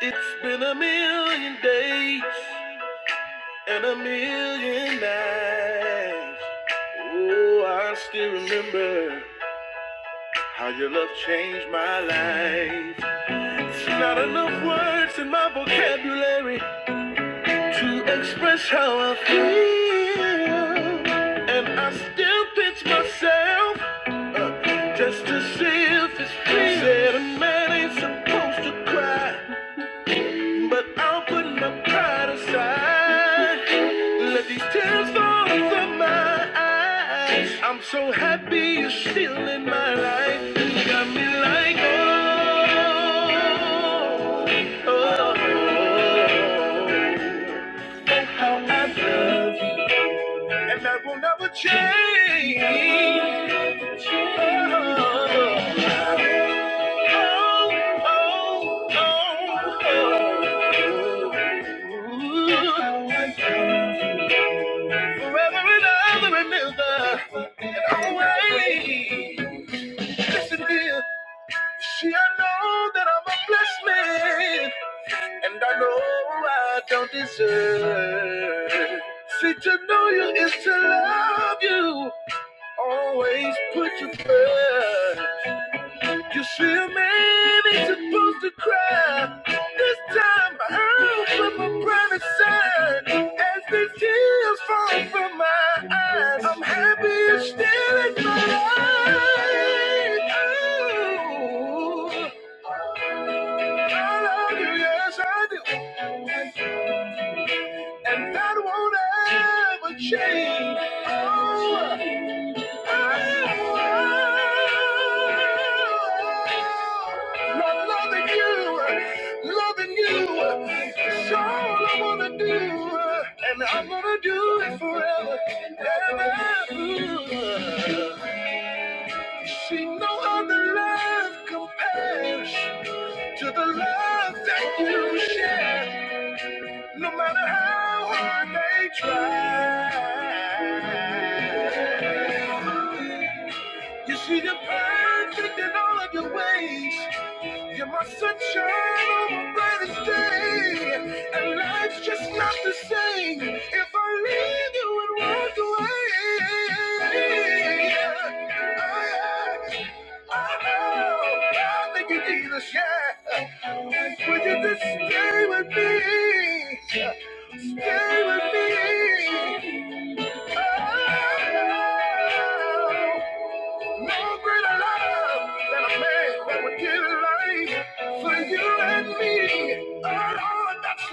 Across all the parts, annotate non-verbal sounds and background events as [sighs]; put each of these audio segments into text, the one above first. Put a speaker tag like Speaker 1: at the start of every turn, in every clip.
Speaker 1: It's been a million days and a million nights. Oh, I still remember how your love changed my life. It's not enough words in my vocabulary to express how I feel. And I still pinch myself uh, just to see if it's real. Said a man ain't supposed to cry. But I'll put my pride aside. Let these tears fall from my eyes. I'm so happy you're still in my life. You got me like, oh, oh, oh, oh, oh, how I love you. And that will never change. Oh, oh, oh, oh. Forever and ever and ever and always. Listen here. See, I know that I'm a blessed man, and I know I don't deserve. See, to know you is to love you, Always put you first. You see a man ain't supposed to cry. This time I heard from a promised son. As the tears fall from my eyes, I'm happier still in my life. Oh, I love you, yes I do, and that won't ever change. Oh. Love loving you, loving you. It's all I wanna do, and I'm gonna do it forever and ever. See no other love compares to the love that you share, no matter how hard they try. You see, you're perfect in all of your ways. You're my sunshine on my brightest day. And life's just not the same if I leave you and walk away. Oh, yeah. Oh, oh, thank you, Jesus, yeah. Would you just stay with me? Stay with me. Oh, no greater love than a man that would give life for you and me. Oh, Lord, that's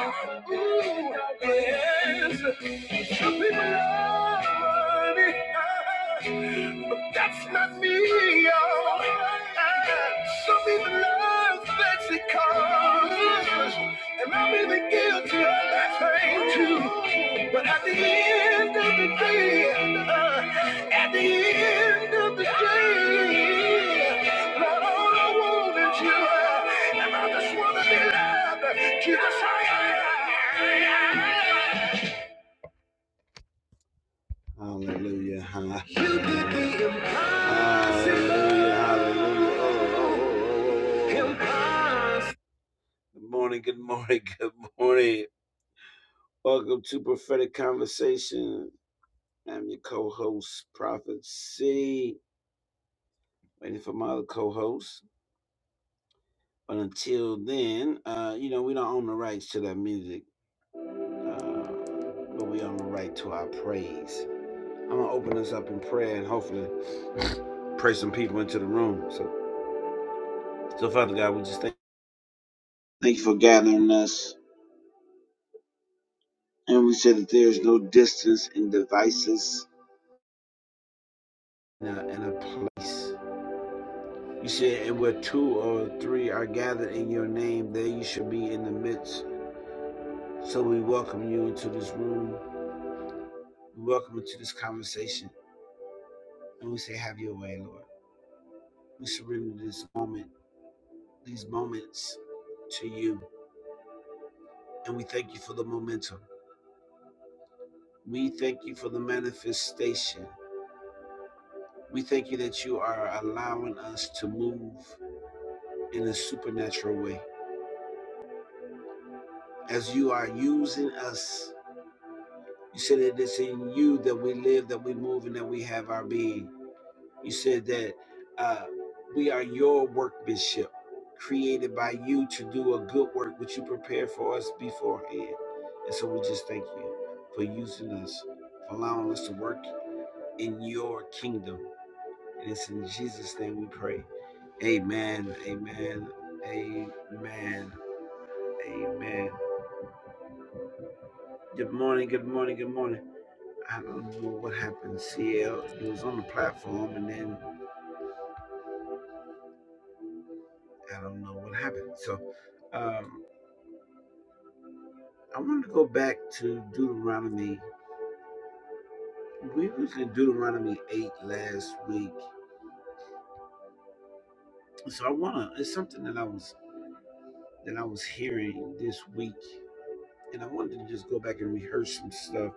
Speaker 1: love. Ooh, yes. Some people love money, ah, but that's not me, y'all. Some people love because, And I'm even guilty of that thing too. But at the end of the day, uh, at the end of the day, Lord, all I want is you. uh, And I just want to be loved. Jesus, I am. Hallelujah. huh? You did the impossible. Hallelujah. Hallelujah. Oh, oh, oh. Impossible. Good morning, good morning, good morning. Welcome to Prophetic Conversation. I'm your co-host, Prophet C. Waiting for my other co-host. But until then, uh, you know, we don't own the rights to that music, uh, but we own the right to our praise. I'm gonna open us up in prayer and hopefully pray some people into the room. So, so Father God, we just thank, thank you for gathering us, and we said that there is no distance and devices in a, in a place. You said, and where two or three are gathered in your name, there you shall be in the midst. So we welcome you into this room. We welcome you to this conversation. And we say, Have your way, Lord. We surrender this moment, these moments to you. And we thank you for the momentum. We thank you for the manifestation. We thank you that you are allowing us to move in a supernatural way. As you are using us, you said it is in you that we live, that we move, and that we have our being. You said that uh, we are your workmanship, created by you to do a good work which you prepared for us beforehand. And so we just thank you for using us, for allowing us to work in your kingdom. And it's in Jesus' name we pray. Amen. Amen. Amen. Amen. Good morning. Good morning. Good morning. I don't know what happened. CL, it was on the platform, and then I don't know what happened. So. um, I wanted to go back to Deuteronomy. We was in Deuteronomy eight last week, so I wanna. It's something that I was that I was hearing this week, and I wanted to just go back and rehearse some stuff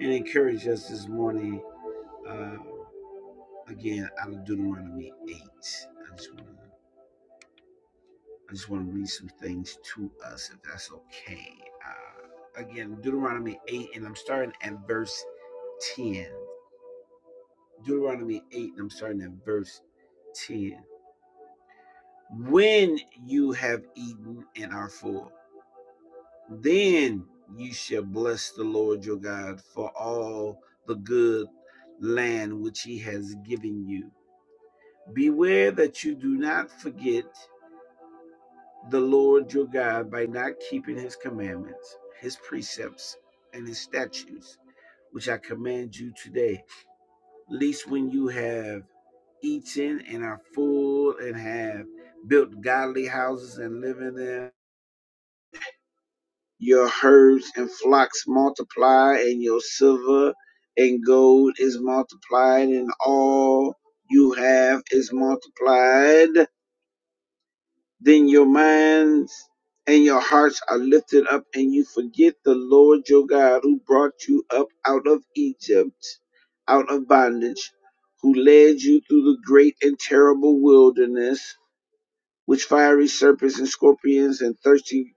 Speaker 1: and encourage us this morning. Uh, again, out of Deuteronomy eight, I just wanna I just wanna read some things to us, if that's okay. Uh, again, Deuteronomy eight, and I'm starting at verse ten. Deuteronomy 8, and I'm starting at verse 10. When you have eaten and are full, then you shall bless the Lord your God for all the good land which he has given you. Beware that you do not forget the Lord your God by not keeping his commandments, his precepts, and his statutes, which I command you today least when you have eaten and are full and have built godly houses and live in them. Your herds and flocks multiply, and your silver and gold is multiplied, and all you have is multiplied. Then your minds and your hearts are lifted up, and you forget the Lord your God who brought you up out of Egypt, out of bondage, who led you through the great and terrible wilderness, which fiery serpents and scorpions and thirsty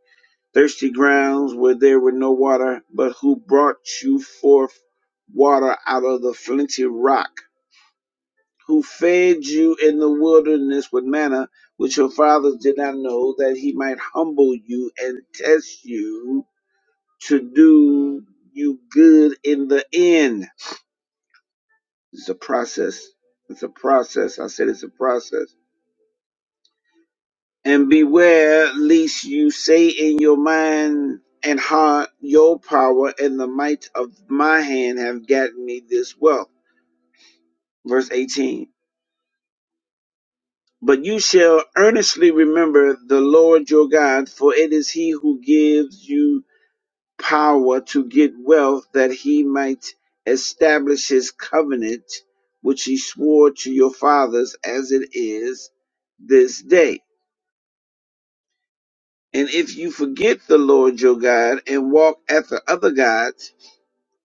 Speaker 1: thirsty grounds where there were no water, but who brought you forth water out of the flinty rock who fed you in the wilderness with manna, which your fathers did not know, that he might humble you and test you to do you good in the end. It's a process. It's a process. I said it's a process. And beware lest you say in your mind and heart, Your power and the might of my hand have gotten me this wealth. Verse 18 But you shall earnestly remember the Lord your God, for it is he who gives you power to get wealth that he might establish his covenant, which he swore to your fathers as it is this day. And if you forget the Lord your God and walk after other gods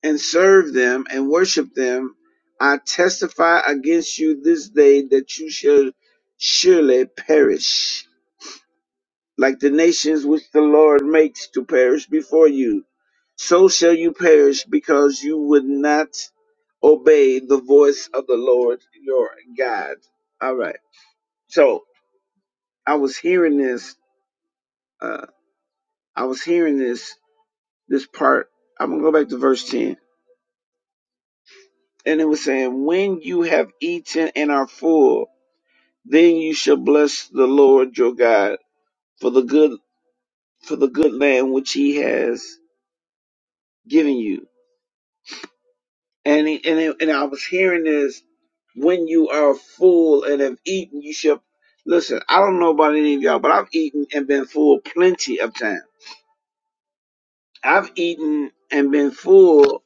Speaker 1: and serve them and worship them, I testify against you this day that you shall surely perish. like the nations which the Lord makes to perish before you. So shall you perish because you would not obey the voice of the Lord your God. All right. So I was hearing this. Uh, I was hearing this. This part. I'm gonna go back to verse ten, and it was saying, "When you have eaten and are full, then you shall bless the Lord your God for the good for the good land which He has given you." And he, and it, and I was hearing this when you are full and have eaten, you should listen. I don't know about any of y'all, but I've eaten and been full plenty of time. I've eaten and been full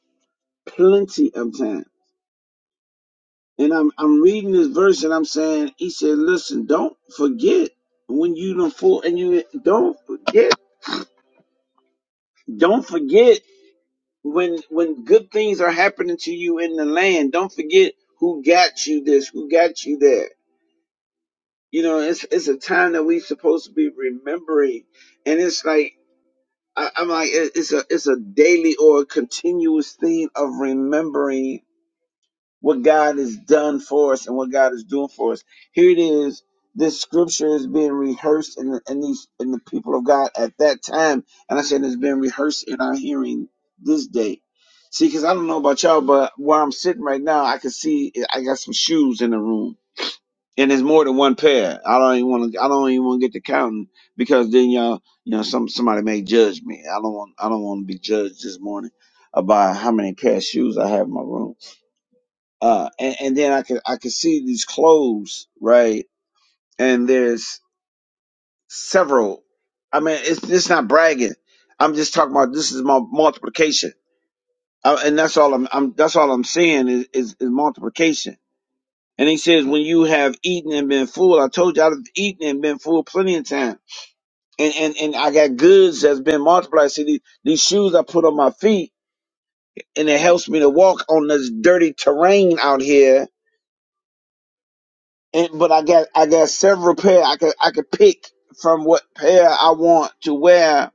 Speaker 1: plenty of time. And I'm I'm reading this verse and I'm saying, he said, listen, don't forget when you done full and you don't forget. Don't forget when when good things are happening to you in the land. Don't forget who got you this, who got you that You know, it's it's a time that we supposed to be remembering, and it's like I, I'm like it, it's a it's a daily or a continuous thing of remembering what God has done for us and what God is doing for us. Here it is. This scripture is being rehearsed in the, in these in the people of God at that time, and I said it's being rehearsed in our hearing this day. See, because I don't know about y'all, but where I'm sitting right now, I can see I got some shoes in the room and it's more than one pair. I don't even want to. I don't even want to get to counting because then y'all, you know, some somebody may judge me. I don't want. I don't want to be judged this morning about how many pair of shoes I have in my room. Uh, and, and then I could I could see these clothes right, and there's several. I mean, it's it's not bragging. I'm just talking about this is my multiplication, uh, and that's all I'm. I'm that's all I'm seeing is is, is multiplication And he says, when you have eaten and been full, I told you I've eaten and been full plenty of time. And, and, and I got goods that's been multiplied. See, these, these shoes I put on my feet and it helps me to walk on this dirty terrain out here. And, but I got, I got several pair. I could, I could pick from what pair I want to wear.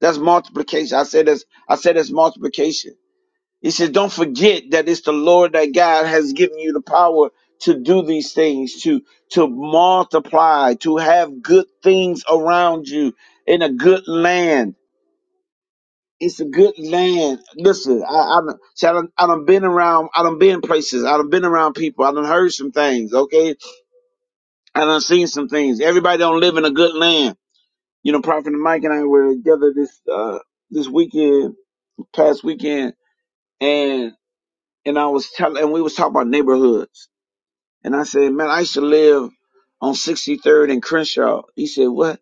Speaker 1: That's multiplication. I said that's, I said that's multiplication He said, Don't forget that it's the Lord that God has given you the power to do these things, to to multiply, to have good things around you in a good land. It's a good land. Listen, I I done, see, I done, I done been around, I done been places, I done been around people, I done heard some things, okay? I done seen some things. Everybody don't live in a good land. You know, Prophet Mike and I were together this uh this weekend, past weekend, and and I was telling and we was talking about neighborhoods And I said, man, I used to live on 63rd and Crenshaw. He said, what?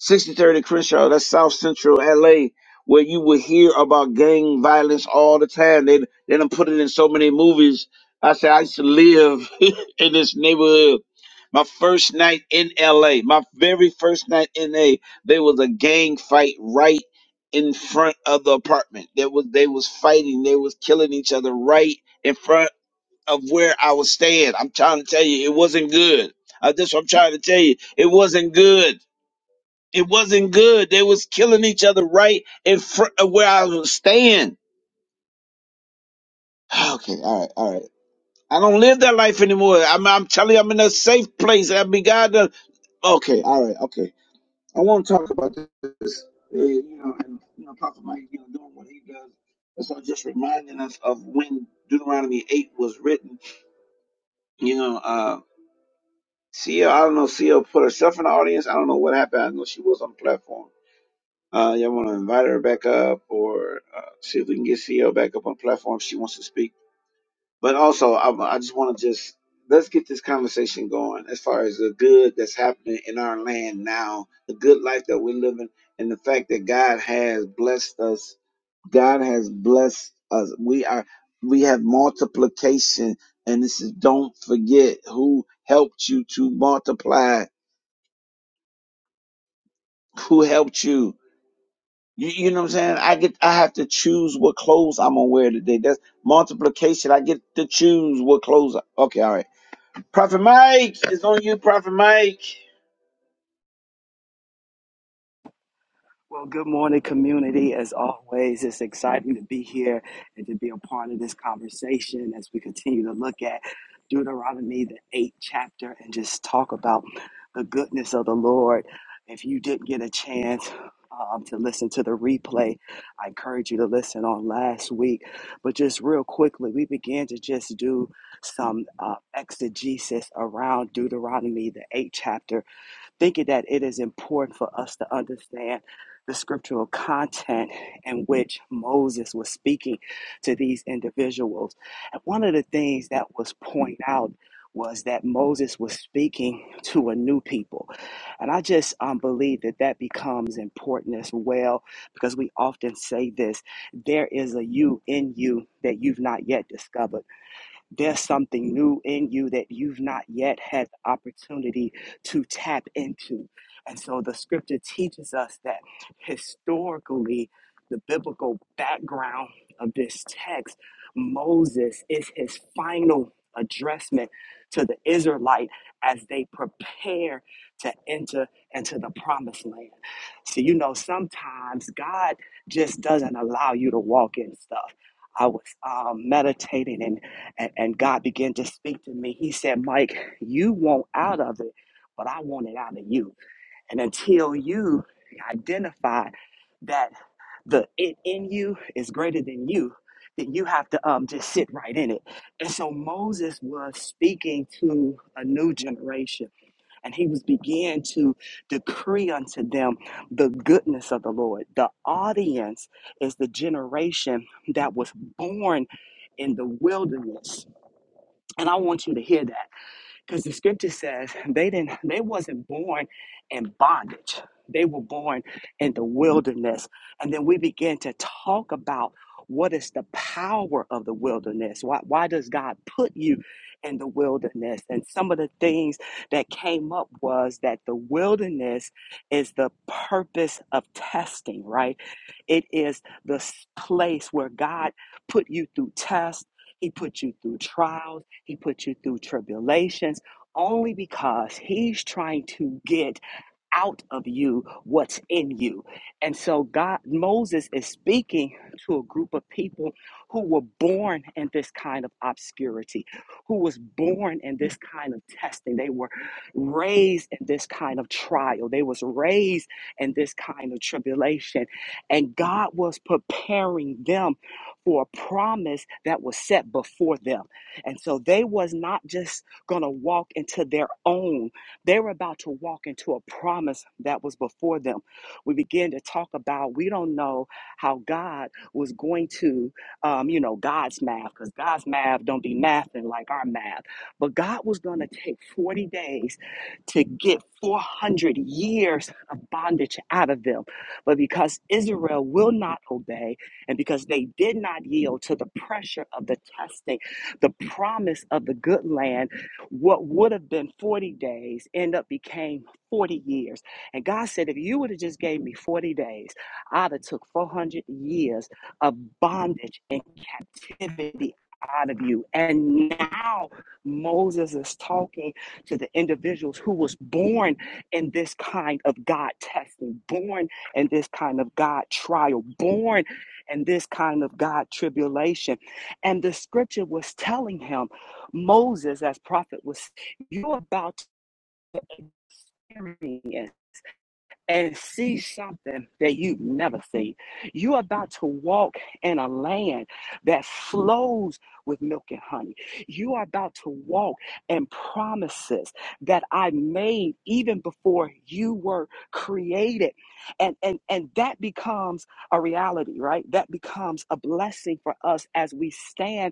Speaker 1: 63rd and Crenshaw, that's South Central LA, where you would hear about gang violence all the time. They, they done put it in so many movies. I said, I used to live [laughs] in this neighborhood. My first night in LA, my very first night in LA, there was a gang fight right in front of the apartment. There was they was fighting, they was killing each other right in front of where I was staying. I'm trying to tell you, it wasn't good. Uh, that's what I'm trying to tell you. It wasn't good. It wasn't good. They was killing each other right in front of where I was staying. [sighs] Okay, all right, all right. I don't live that life anymore. I'm, I'm telling you, I'm in a safe place. I mean, God, done- okay, all right, okay. I want to talk about this. uh, you know, and you know, Prophet Mike, you know, doing what he does. And so, just reminding us of when Deuteronomy eight was written. You know, uh, Sia, I don't know. Sia put herself in the audience. I don't know what happened. I know she was on the platform. Uh, y'all want to invite her back up or uh, see if we can get Sia back up on the platform if she wants to speak. But also, I, I just want to just let's get this conversation going as far as the good that's happening in our land now, the good life that we're living, and the fact that God has blessed us. God has blessed us. We are we have multiplication, and this is don't forget who helped you to multiply who helped you. You, you know what I'm saying? I get, I have to choose what clothes I'm gonna wear today. That's multiplication. I get to choose what clothes. I, okay, all right. Prophet Mike is on you, Prophet Mike.
Speaker 2: Well, good morning, community. As always, it's exciting to be here and to be a part of this conversation as we continue to look at Deuteronomy, the eighth chapter, and just talk about the goodness of the Lord. If you didn't get a chance um, to listen to the replay, I encourage you to listen on last week. But just real quickly, we began to just do some uh, exegesis around Deuteronomy, the eighth chapter thinking that it is important for us to understand the scriptural content in which Moses was speaking to these individuals. And one of the things that was pointed out was that Moses was speaking to a new people. And I just um, believe that that becomes important as well because we often say this there is a you in you that you've not yet discovered. There's something new in you that you've not yet had the opportunity to tap into. And so the scripture teaches us that historically, the biblical background of this text, Moses is his final addressment to the Israelite as they prepare to enter into the promised land. So, you know, sometimes God just doesn't allow you to walk in stuff. I was um, meditating and and, and God began to speak to me. He said, Mike, you want out of it, but I want it out of you. And until you identify that the it in you is greater than you, then you have to um, just sit right in it. And so Moses was speaking to a new generation, and he was began to decree unto them the goodness of the Lord. The audience is the generation that was born in the wilderness and I want you to hear that because the scripture says they didn't they wasn't born in bondage. They were born in the wilderness. And then we begin to talk about what is the power of the wilderness? Why, why does God put you in the wilderness? And some of the things that came up was that the wilderness is the purpose of testing, right? It is the s- place where God put you through tests, He put you through trials, He put you through tribulations, only because He's trying to get out of you what's in you. And so God Moses is speaking to a group of people who were born in this kind of obscurity, who was born in this kind of testing. They were raised in this kind of trial. They was raised in this kind of tribulation. And God was preparing them for a promise that was set before them. And so they was not just going to walk into their own they were about to walk into a promise that was before them. We began to talk about we don't know how God was going to, um, you know, God's math, because God's math don't be mathing like our math. But God was going to take 40 days to get 400 years of bondage out of them. But because Israel will not obey, and because they did not yield to the pressure of the testing, the promise of the good land what would have been 40 days end up became 40 years. And God said, if you would have just gave me 40 days, I'd have took 400 years of bondage and." be out of you. And now Moses is talking to the individuals who was born in this kind of God testing, born in this kind of God trial, born in this kind of God tribulation. And the scripture was telling him, Moses, as prophet, was you are about to experience and see something that you've never seen. You're about to walk in a land that flows with milk and honey. You are about to walk in promises that I made even before you were created. And, and, and that becomes a reality, right? That becomes a blessing for us as we stand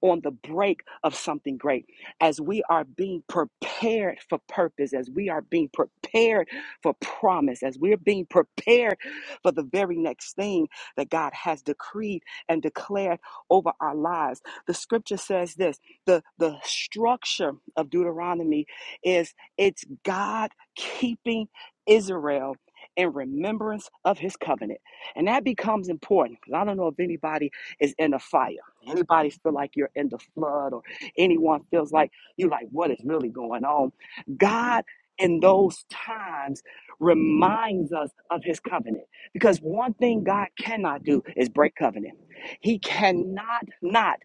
Speaker 2: on the brink of something great. As we are being prepared for purpose, as we are being prepared for promise, as we're being prepared for the very next thing that God has decreed and declared over our lives. The scripture says this the, the structure of Deuteronomy is it's God keeping Israel in remembrance of his covenant. And that becomes important because I don't know if anybody is in a fight anybody feel like you're in the flood or anyone feels like you like what is really going on god in those times reminds us of his covenant because one thing god cannot do is break covenant he cannot not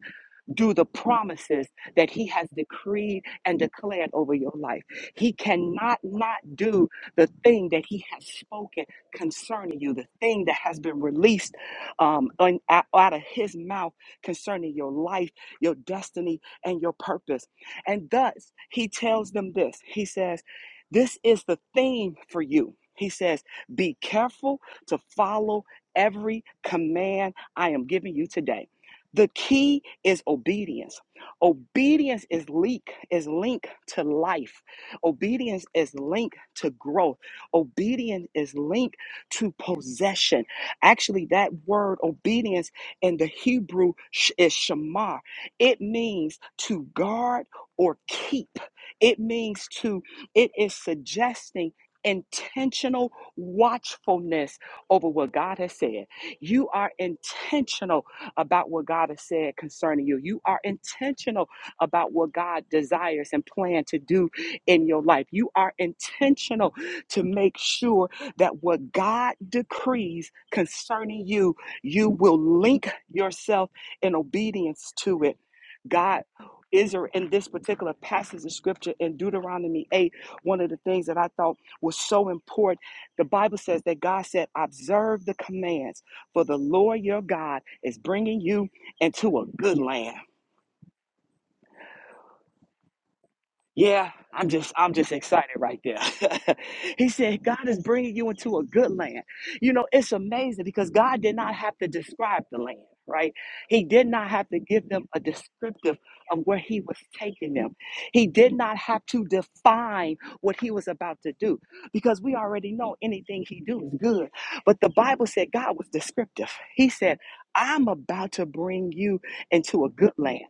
Speaker 2: do the promises that He has decreed and declared over your life. He cannot not do the thing that He has spoken concerning you, the thing that has been released um, on- out out of His mouth concerning your life, your destiny, and your purpose. And thus, He tells them this He says, This is the theme for you. He says, Be careful to follow every command I am giving you today. The key is obedience. Obedience is link is linked to life. Obedience is linked to growth. Obedience is linked to possession. Actually, that word obedience in the Hebrew sh- is shamar. It means to guard or keep. It means to. It is suggesting. Intentional watchfulness over what God has said. You are intentional about what God has said concerning you. You are intentional about what God desires and plan to do in your life. You are intentional to make sure that what God decrees concerning you, you will link yourself in obedience to it. God Israel in this particular passage of scripture in Deuteronomy 8, one of the things that I thought was so important, the Bible says that God said, Observe the commands for the Lord your God is bringing you into a good land. Yeah, I'm just I'm just excited right there. [laughs] he said God is bringing you into a good land. You know, it's amazing because God did not have to describe the land, right? He did not have to give them a descriptive of where he was taking them. He did not have to define what he was about to do because we already know anything he do is good. But the Bible said God was descriptive. He said, "I'm about to bring you into a good land.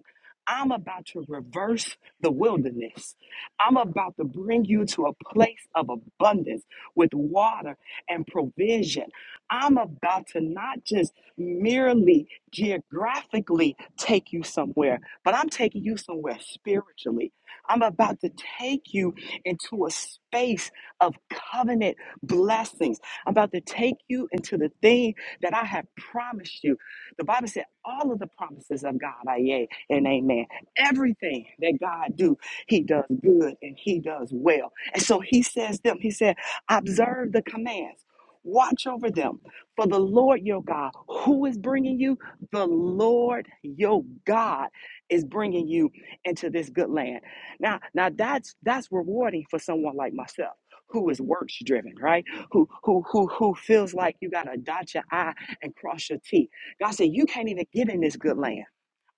Speaker 2: I'm about to reverse the wilderness. I'm about to bring you to a place of abundance with water and provision. I'm about to not just merely geographically take you somewhere, but I'm taking you somewhere spiritually. I'm about to take you into a space of covenant blessings. I'm about to take you into the thing that I have promised you. The Bible said all of the promises of God are yea and amen. Everything that God do he does good and he does well. And so he says them, he said, observe the commands. Watch over them. For the Lord your God, who is bringing you? The Lord your God is bringing you into this good land. Now, now that's that's rewarding for someone like myself who is works driven, right? Who who who who feels like you gotta dot your I and cross your T. God said, you can't even get in this good land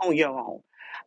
Speaker 2: on your own.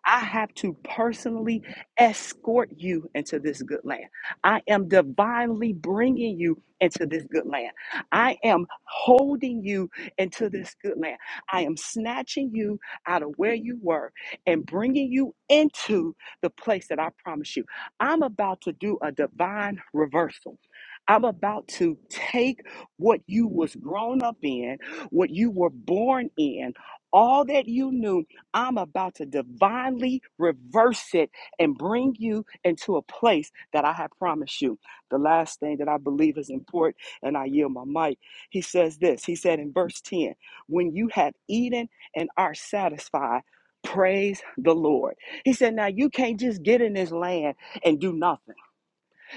Speaker 2: I have to personally escort you into this good land. I am divinely bringing you into this good land. I am holding you into this good land. I am snatching you out of where you were and bringing you into the place that I promise you. I'm about to do a divine reversal. I'm about to take what you was grown up in, what you were born in, all that you knew. I'm about to divinely reverse it and bring you into a place that I have promised you. The last thing that I believe is important, and I yield my mic. He says this He said in verse 10 When you have eaten and are satisfied, praise the Lord. He said, Now you can't just get in this land and do nothing.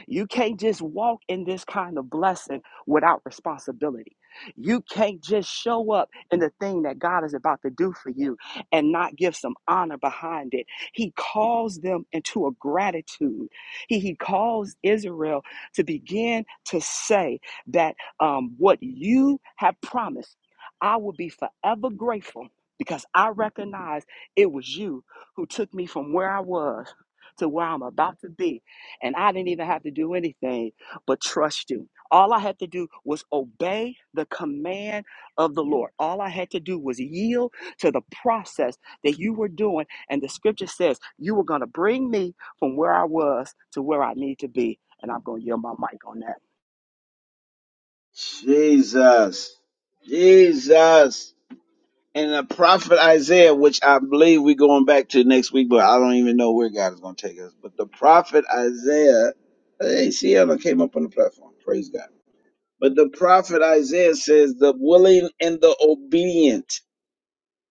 Speaker 2: You can't just walk in this kind of blessing without responsibility. You can't just show up in the thing that God is about to do for you and not give some honor behind it. He calls them into a gratitude. He, he calls Israel to begin to say that um, what you have promised, I will be forever grateful because I recognize it was you who took me from where I was to where I'm about to be and I didn't even have to do anything but trust you. All I had to do was obey the command of the Lord. All I had to do was yield to the process that you were doing. And the scripture says, You were going to bring me from where I was to where I need to be. And I'm going to yield my mic on that.
Speaker 1: Jesus, Jesus, and the prophet Isaiah, which I believe we're going back to next week, but I don't even know where God is gonna take us. But the prophet Isaiah, hey, see, Cielo came up on the platform. Praise God. But the prophet Isaiah says, "The willing and the obedient."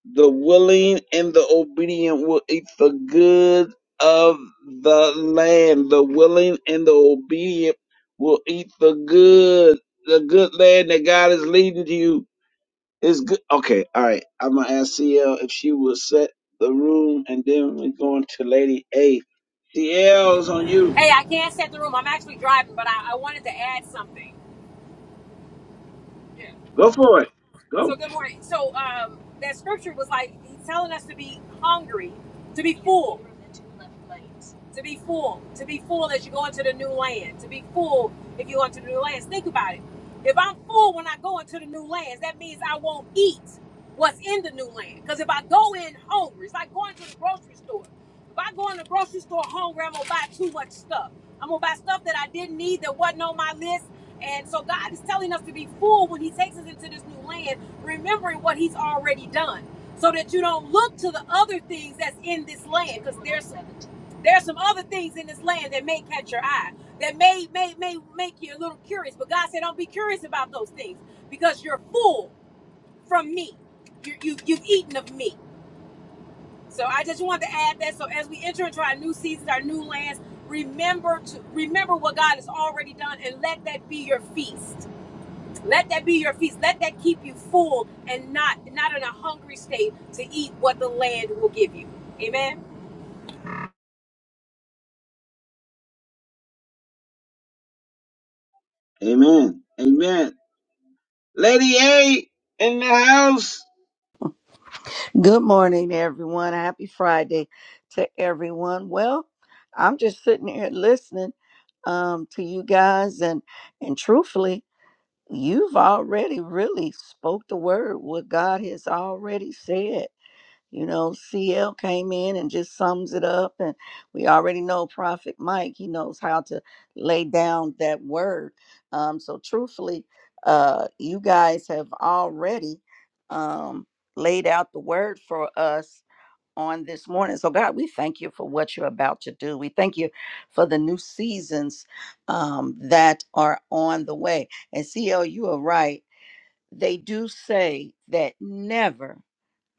Speaker 1: The willing and the obedient will eat the good of the land. The willing and the obedient will eat the good. The good land that God is leading to you is good. Okay, all right. I'm gonna ask CL if she will set the room, and then we're going to Lady A. CL is on you.
Speaker 3: Hey, I can't set the room. I'm actually driving, but I, I wanted to add something. Yeah.
Speaker 1: Go for it.
Speaker 3: So
Speaker 1: Go.
Speaker 3: good morning. So um, that scripture was like he's telling us to be hungry, to be full, to be full, to be full as you go into the new land, to be full if you go into the new lands. Think about it. If I'm full when I go into the new lands, that means I won't eat what's in the new land. Because if I go in hungry, it's like going to the grocery store. If I go in the grocery store hungry, I'm gonna buy too much stuff. I'm gonna buy stuff that I didn't need that wasn't on my list. And so God is telling us to be full when He takes us into this new land remembering what he's already done so that you don't look to the other things that's in this land because there's there's some other things in this land that may catch your eye that may may may make you a little curious but god said don't be curious about those things because you're full from me you, you, you've eaten of me so i just wanted to add that so as we enter into our new seasons our new lands remember to remember what god has already done and let that be your feast let that be your feast. Let that keep you full and not not in a hungry state to eat what the land will give you. Amen.
Speaker 1: Amen. Amen. Lady A in the house.
Speaker 4: Good morning, everyone. Happy Friday to everyone. Well, I'm just sitting here listening um, to you guys, and and truthfully, you've already really spoke the word. What God has already said. You know, CL came in and just sums it up. And we already know Prophet Mike, he knows how to lay down that word. Um, so, truthfully, uh, you guys have already um, laid out the word for us on this morning. So, God, we thank you for what you're about to do. We thank you for the new seasons um, that are on the way. And, CL, you are right. They do say that never,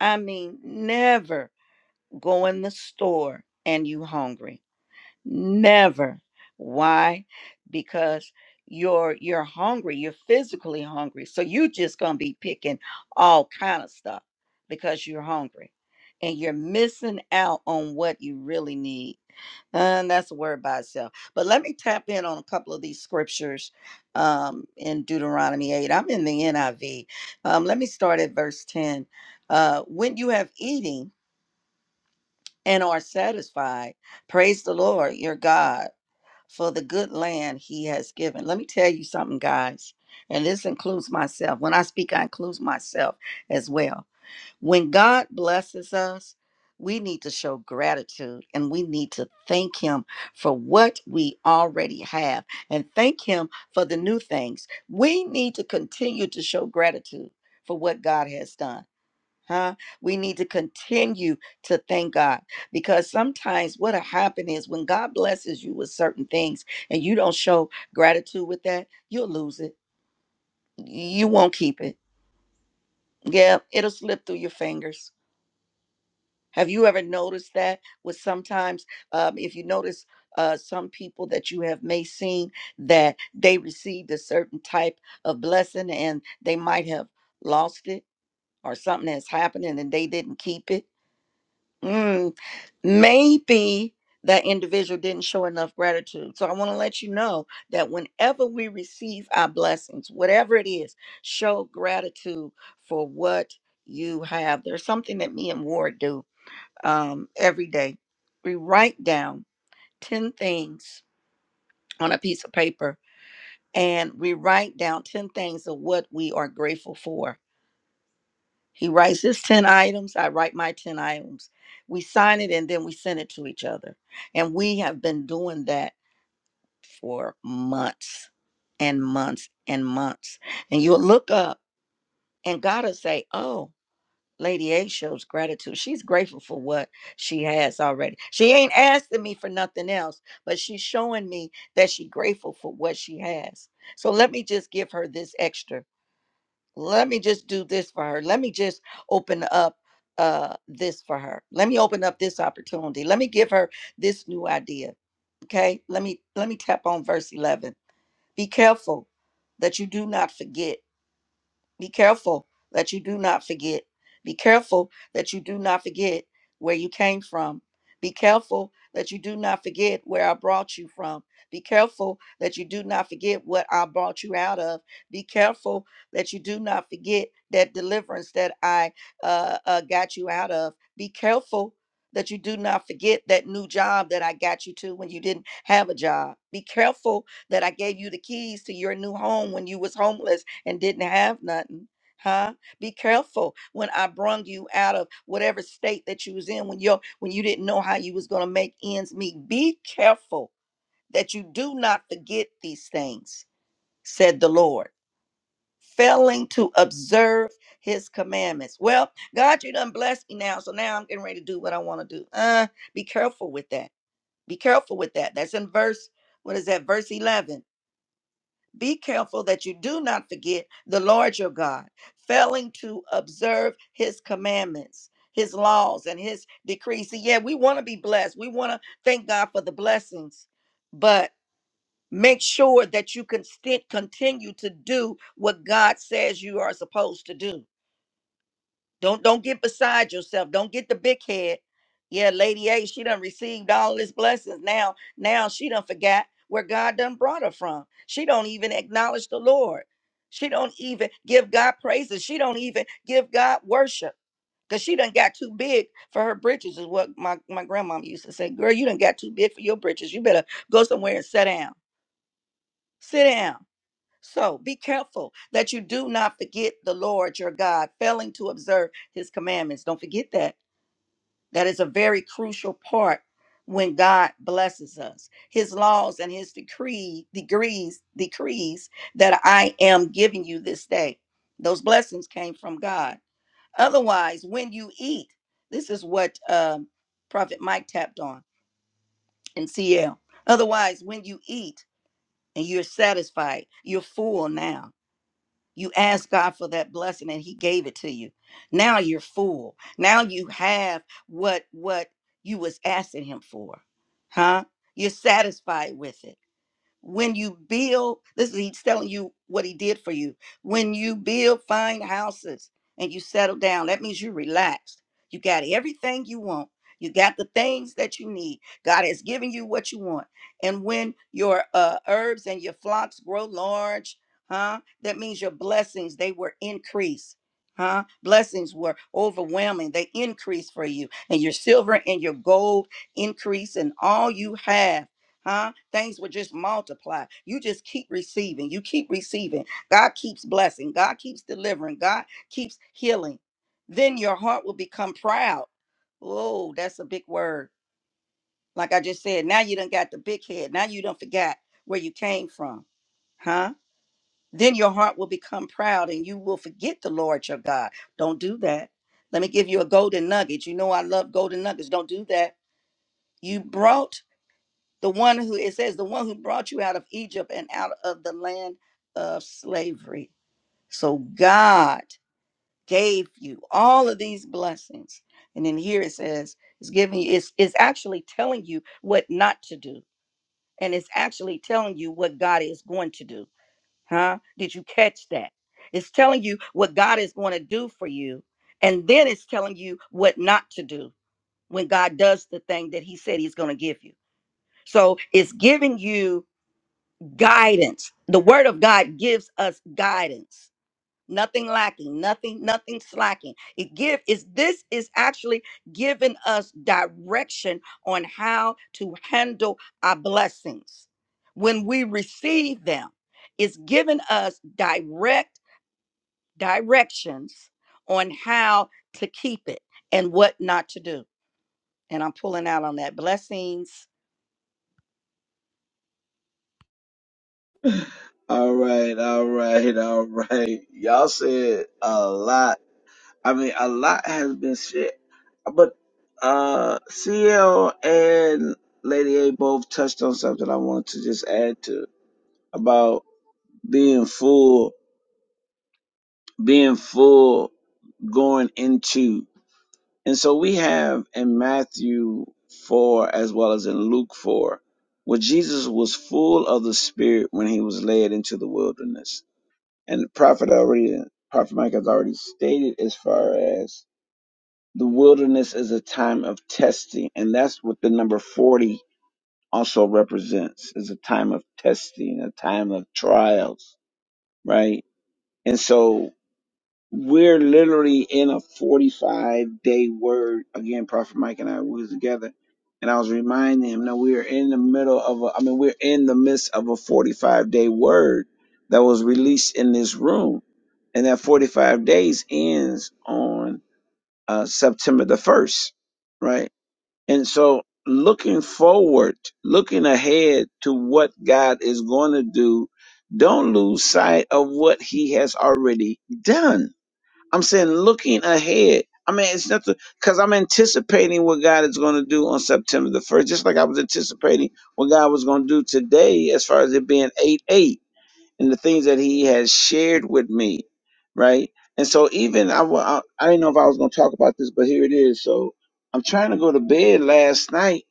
Speaker 4: I mean, never go in the store and you hungry never why because you're you're hungry you're physically hungry so you just gonna be picking all kind of stuff because you're hungry and you're missing out on what you really need and that's a word by itself but let me tap in on a couple of these scriptures um, in deuteronomy 8 i'm in the niv um, let me start at verse 10 uh, when you have eating and are satisfied. Praise the Lord your God for the good land he has given. Let me tell you something, guys, and this includes myself. When I speak, I include myself as well. When God blesses us, we need to show gratitude and we need to thank Him for what we already have and thank Him for the new things. We need to continue to show gratitude for what God has done huh? We need to continue to thank God because sometimes what'll happen is when God blesses you with certain things and you don't show gratitude with that, you'll lose it. You won't keep it. Yeah, it'll slip through your fingers. Have you ever noticed that? With sometimes, um, if you notice, uh, some people that you have may seen that they received a certain type of blessing and they might have lost it or something has happened and then they didn't keep it. Mm, maybe that individual didn't show enough gratitude. So I want to let you know that whenever we receive our blessings, whatever it is, show gratitude for what you have. There's something that me and Ward do um, every day. We write down 10 things on a piece of paper and we write down 10 things of what we are grateful for He writes his 10 items. I write my 10 items. We sign it and then we send it to each other. And we have been doing that for months and months and months. And you'll look up and God will say, Oh, Lady A shows gratitude. She's grateful for what she has already. She ain't asking me for nothing else, but she's showing me that she's grateful for what she has. So let me just give her this extra let me just do this for her. Let me just open up uh this for her. Let me open up this opportunity. Let me give her this new idea. Okay? Let me let me tap on verse 11. Be careful that you do not forget be careful that you do not forget. Be careful that you do not forget where you came from. Be careful that you do not forget where I brought you from. Be careful that you do not forget what I brought you out of. Be careful that you do not forget that deliverance that I uh, uh, got you out of. Be careful that you do not forget that new job that I got you to when you didn't have a job. Be careful that I gave you the keys to your new home when you was homeless and didn't have nothing. Huh? Be careful when I brung you out of whatever state that you was in when you when you didn't know how you was gonna make ends meet. Be careful that you do not forget these things, said the Lord, failing to observe his commandments. Well, God, you done blessed me now, so now I'm getting ready to do what I want to do. Uh, be careful with that. Be careful with that. That's in verse, what is that, verse 11 be careful that you do not forget the Lord your God, failing to observe his commandments, his laws, and his decrees. See, yeah, we want to be blessed. We want to thank God for the blessings, but make sure that you can sti- continue to do what God says you are supposed to do don't don't get beside yourself. Don't get the big head. Yeah, Lady A, she done received all his blessings. Now, now she done forgot where God done brought her from. She don't even acknowledge the Lord. She don't even give God praises. She don't even give God worship. Cause she done got too big for her britches, is what my, my grandmom used to say. Girl, you done got too big for your britches. You better go somewhere and sit down. Sit down. So be careful that you do not forget the Lord your God, failing to observe his commandments. Don't forget that. That is a very crucial part when God blesses us. His laws and his decree degrees decrees that I am giving you this day. Those blessings came from God. Otherwise, when you eat, this is what um, Prophet Mike tapped on in CL. Otherwise, when you eat and you're satisfied, you're full now you asked God for that blessing and he gave it to you. Now you're full. Now you have what what you was asking him for. Huh? You're satisfied with it when you build this is he's telling you what he did for you when you build fine houses and you settle down that means you're relaxed you got everything you want you got the things that you need god has given you what you want and when your uh, herbs and your flocks grow large huh that means your blessings they were increased huh blessings were overwhelming they increased for you and your silver and your gold increase and all you have huh? Things will just multiply. You just keep receiving. You keep receiving. God keeps blessing. God keeps delivering. God keeps healing. Then your heart will become proud. Oh, that's a big word. Like I just said, now you done got the big head. Now you done forgot where you came from, huh? Then your heart will become proud and you will forget the Lord your God. Don't do that. Let me give you a golden nugget. You know I love golden nuggets. Don't do that. You brought the one who it says the one who brought you out of egypt and out of the land of slavery so god gave you all of these blessings and then here it says it's giving you it's, it's actually telling you what not to do and it's actually telling you what god is going to do huh did you catch that it's telling you what god is going to do for you and then it's telling you what not to do when god does the thing that he said he's going to give you so it's giving you guidance. The word of God gives us guidance. Nothing lacking, nothing, nothing slacking. It give is this is actually giving us direction on how to handle our blessings when we receive them. It's giving us direct directions on how to keep it and what not to do. And I'm pulling out on that. Blessings.
Speaker 1: All right, all right, [laughs] all right. Y'all said a lot. I mean, a lot has been said, but uh, CL and Lady A both touched on something I wanted to just add to about being full, being full, going into. And so we have in Matthew 4 as well as in Luke 4 where Jesus was full of the Spirit when he was led into the wilderness And Prophet already, Prophet Mike has already stated as far as the wilderness is a time of testing, and that's what the number forty also represents is a time of testing, a time of trials, right? And so we're literally in a 45 day word. Again, Prophet Mike and I, we was together and I was reminding him, no, we are in the middle of a, I mean, we're in the midst of a 45 day word that was released in this room. And that 45 days ends on uh, September the 1st, right? And so looking forward, looking ahead to what God is going to do, don't lose sight of what he has already done I'm saying looking ahead. I mean, it's nothing because I'm anticipating what God is going to do on September the 1st, just like I was anticipating what God was going to do today as far as it being 8 8 and the things that He has shared with me, right? And so, even I, wa- I, I didn't know if I was going to talk about this, but here it is. So, I'm trying to go to bed last night,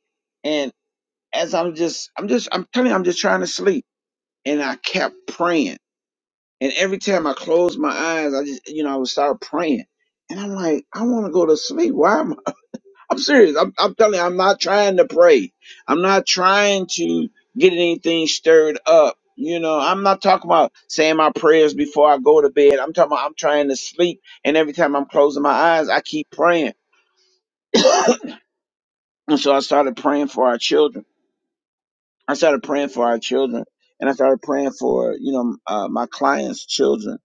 Speaker 1: and as I'm just, I'm just, I'm telling you, I'm just trying to sleep. And I kept praying and every time I close my eyes, I just, you know, I would start praying. And I'm like, I want to go to sleep. Why am I? [laughs] I'm serious. I'm, I'm telling you, I'm not trying to pray. I'm not trying to get anything stirred up. You know, I'm not talking about saying my prayers before I go to bed. I'm talking about I'm trying to sleep. And every time I'm closing my eyes, I keep praying. And so I started praying for our children. I started praying for our children. And I started praying for, you know, uh, my clients' children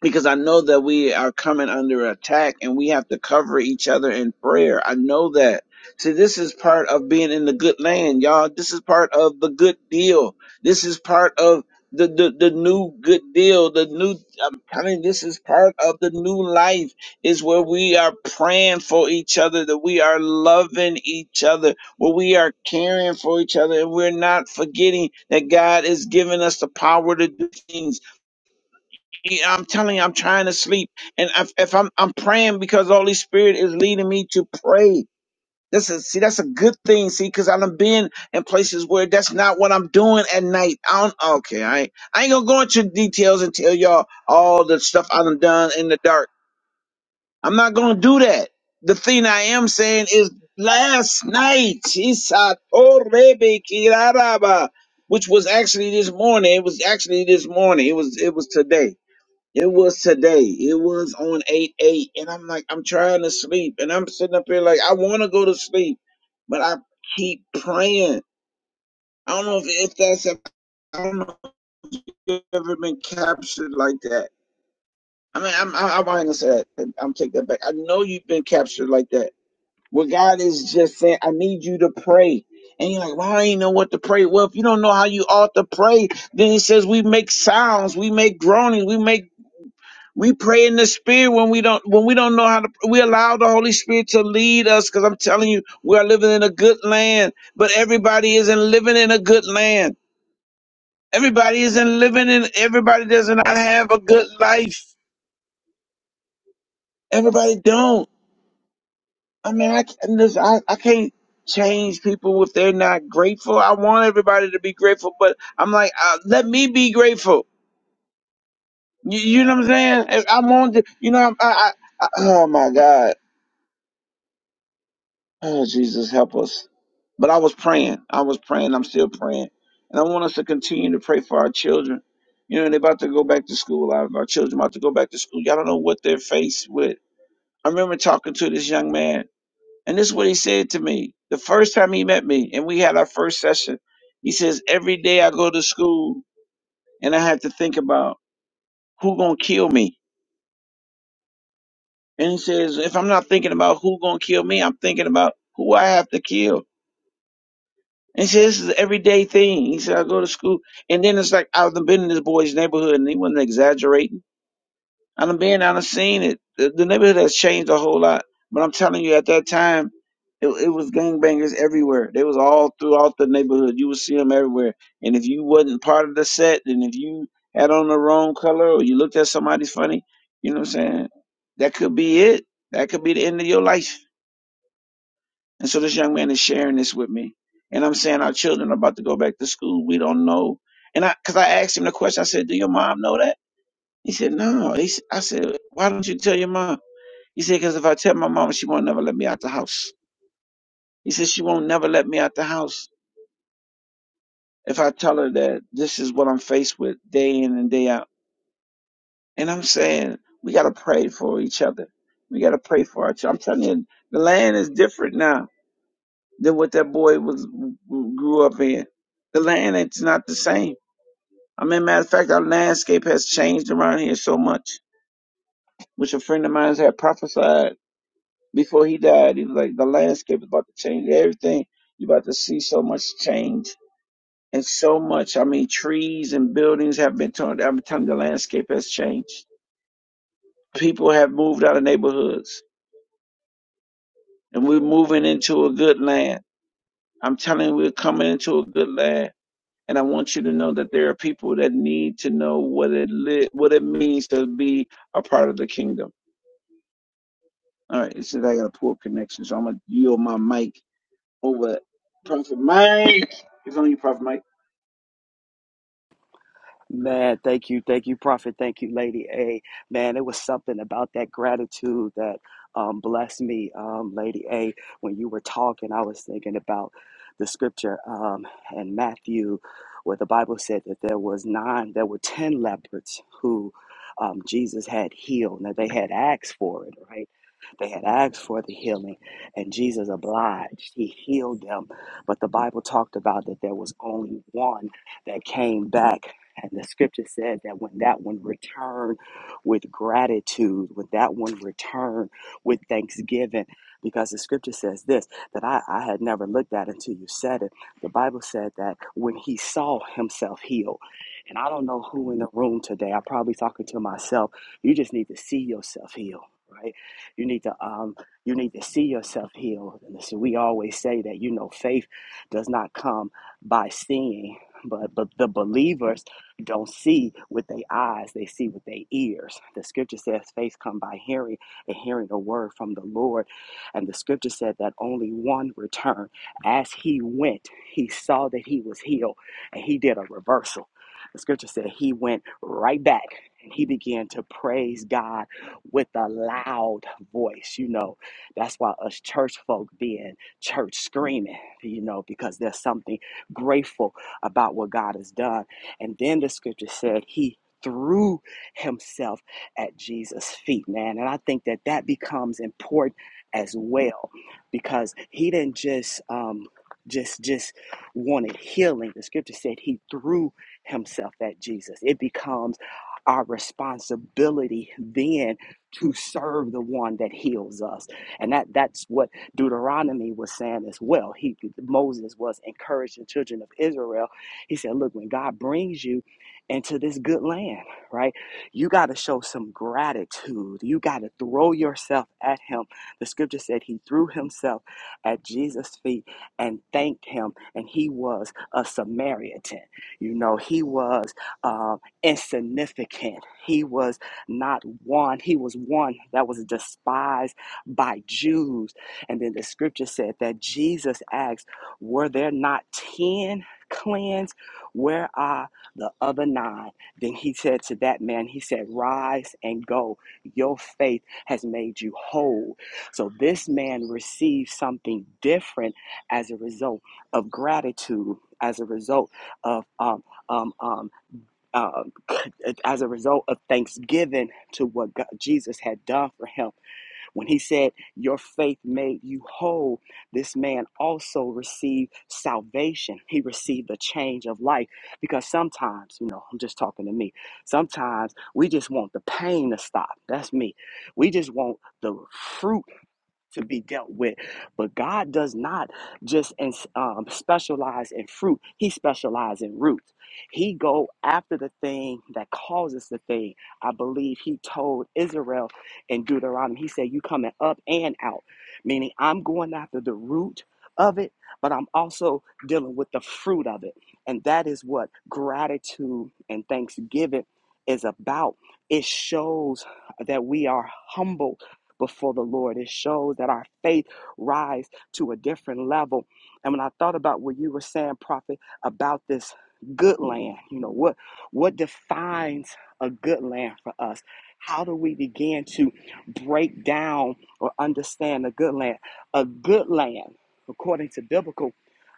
Speaker 1: because I know that we are coming under attack and we have to cover each other in prayer. I know that. See, this is part of being in the good land, y'all. This is part of the good deal. This is part of the, the, the new good deal. The new, I'm telling you, this is part of the new life is where we are praying for each other, that we are loving each other, where we are caring for each other, and we're not forgetting that God is giving us the power to do things yeah, I'm telling you, I'm trying to sleep, and if, if I'm I'm praying because the Holy Spirit is leading me to pray. This is see, that's a good thing. See, because I've been in places where that's not what I'm doing at night. I don't. Okay, I ain't, I ain't gonna go into details and tell y'all all the stuff I've done in the dark. I'm not gonna do that. The thing I am saying is last night, Isa Torebe Kiraraba, which was actually this morning. It was actually this morning. It was it was today it was today. It was on 8 8. And I'm like, I'm trying to sleep. And I'm sitting up here like, I want to go to sleep. But I keep praying. I don't know if, if that's, a, I don't know if you've ever been captured like that. I mean, I'm, I, I'm not going to say that. I'm taking that back. I know you've been captured like that. Where God is just saying, I need you to pray. And you're like, well, I ain't know what to pray. Well, if you don't know how you ought to pray, then he says, we make sounds, we make groanings, we make We pray in the spirit when we don't when we don't know how to we allow the Holy Spirit to lead us because I'm telling you, we are living in a good land, but everybody isn't living in a good land. Everybody isn't living in everybody does not have a good life. Everybody don't. I mean, I can't listen, I, I can't change people if they're not grateful. I want everybody to be grateful, but I'm like, uh, let me be grateful. You, you know what I'm saying? I I want to, you know, I, I, I, oh my God. Oh, Jesus, help us. But I was praying. I was praying. I'm still praying. And I want us to continue to pray for our children. You know, they're about to go back to school. Our, our children about to go back to school. Y'all don't know what they're faced with. I remember talking to this young man, and this is what he said to me the first time he met me, and we had our first session. He says, Every day I go to school, and I had to think about who going to kill me. And he says, If I'm not thinking about who going to kill me, I'm thinking about who I have to kill. And he said, this is an everyday thing. He said, I go to school. And then it's like, I've been in this boy's neighborhood and he wasn't exaggerating. i done been, I done seen it. The, the neighborhood has changed a whole lot. But I'm telling you, at that time, it, it was gangbangers everywhere. They was all throughout the neighborhood. You would see them everywhere. And if you wasn't part of the set and if you had on the wrong color or you looked at somebody funny, you know what I'm saying? That could be it. That could be the end of your life. And so this young man is sharing this with me. And I'm saying our children are about to go back to school. We don't know. And I, cause I asked him the question. I said, do your mom know that? He said, no. He, s- I said, why don't you tell your mom? He said, cause if I tell my mom, she won't never let me out the house. He said, she won't never let me out the house if I tell her that this is what I'm faced with day in and day out. And I'm saying, we got to pray for each other. We got to pray for our children. I'm telling you, the land is different now. than what that boy was grew up in. The land it's not the same. I mean, matter of fact, our landscape has changed around here so much, which a friend of mine had prophesied before he died. He was like, the landscape is about to change everything. You're about to see so much change and so much. I mean, trees and buildings have been torn down. Every time the landscape has changed, people have moved out of neighborhoods, and we're moving into a good land. I'm telling you, we're coming into a good land And I want you to know that there are people that need to know what it li- what it means to be a part of the kingdom. All right, it says I got a poor connection, so I'm gonna yield my mic over. Prophet Mike, it's on you, Prophet Mike.
Speaker 2: Man, thank you, thank you, Prophet. Thank you, Lady A. Man, it was something about that gratitude that um, blessed me, um, Lady A. When you were talking, I was thinking about the scripture um, in Matthew, where the Bible said that there was nine, there were ten leopards who um, Jesus had healed. Now they had asked for it, right? They had asked for the healing, and Jesus obliged. He healed them. But the Bible talked about that there was only one that came back. And the scripture said that when that one returned with gratitude, when that one returned with thanksgiving, because the scripture says this that I, I had never looked at until you said it. The Bible said that when he saw himself healed, and I don't know who in the room today, I'm probably talking to myself, you just need to see yourself healed, right? You need to um, you need to see yourself healed. And so we always say that you know faith does not come by seeing, but but the believers don't see with their eyes; they see with their ears. The scripture says faith come by hearing, and hearing a word from the Lord. And the scripture said that only one returned. As he went, he saw that he was healed, and he did a reversal. The scripture said he went right back and he began to praise God with a loud voice. You know, that's why us church folk being church screaming, you know, because there's something grateful about what God has done. And then the scripture said, He threw himself at Jesus' feet, man. And I think that that becomes important as well because he didn't just, um, just just wanted healing the scripture said he threw himself at jesus it becomes our responsibility then to serve the one that heals us. And that that's what Deuteronomy was saying as well. He Moses was encouraging the children of Israel. He said, look, when God brings you into this good land, right? You got to show some gratitude. You got to throw yourself at him. The scripture said he threw himself at Jesus' feet and thanked him and he was a Samaritan. You know, he was um, insignificant. He was not one. He was one that was despised by Jews. And then the scripture said that Jesus asked, Were there not 10 cleansed? Where are the other nine? Then he said to that man, He said, Rise and go. Your faith has made you whole. So this man received something different as a result of gratitude, as a result of um, um, um, um, as a result of thanksgiving to what God, Jesus had done for him. When he said, Your faith made you whole, this man also received salvation. He received a change of life because sometimes, you know, I'm just talking to me, sometimes we just want the pain to stop. That's me. We just want the fruit to be dealt with. But God does not just um, specialize in fruit; He specializes in roots. He go after the thing that causes the thing. I believe He told Israel in Deuteronomy. He said, "You coming up and out," meaning I'm going after the root of it, but I'm also dealing with the fruit of it, and that is what gratitude and thanksgiving is about. It shows that we are humble before the Lord. It shows that our faith rise to a different level. And when I thought about what you were saying, Prophet, about this good land, you know, what what defines a good land for us? How do we begin to break down or understand a good land? A good land, according to biblical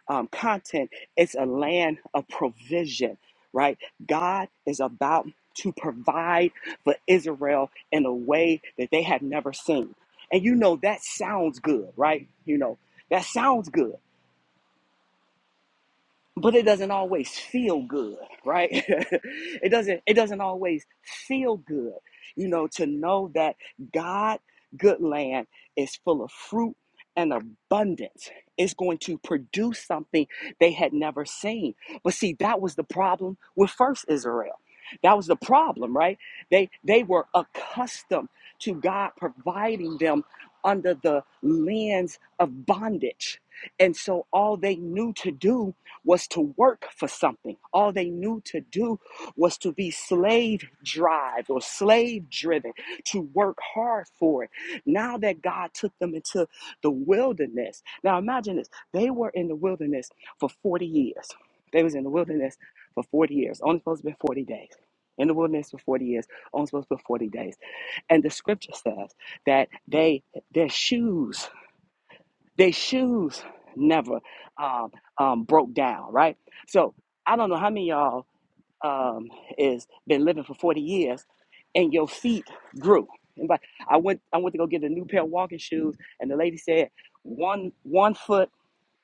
Speaker 2: um, content, it's a land of provision, right? God is about to provide for Israel in a way that they had never seen. And you know, that sounds good, right? You know, that sounds good but it doesn't always feel good right [laughs] it doesn't it doesn't always feel good you know to know that god good land is full of fruit and abundance It's going to produce something they had never seen but see that was the problem with first israel that was the problem right they they were accustomed to god providing them under the lens of bondage and so all they knew to do was to work for something. All they knew to do was to be slave driven or slave driven, to work hard for it. Now that God took them into the wilderness. Now imagine this. They were in the wilderness for 40 years. They was in the wilderness for 40 years. Only supposed to be 40 days. In the wilderness for 40 years, only supposed to be 40 days. And the scripture says that they their shoes their shoes never um, um, broke down, right? So I don't know how many of y'all um, is been living for 40 years and your feet grew. And but I went I went to go get a new pair of walking shoes and the lady said one one foot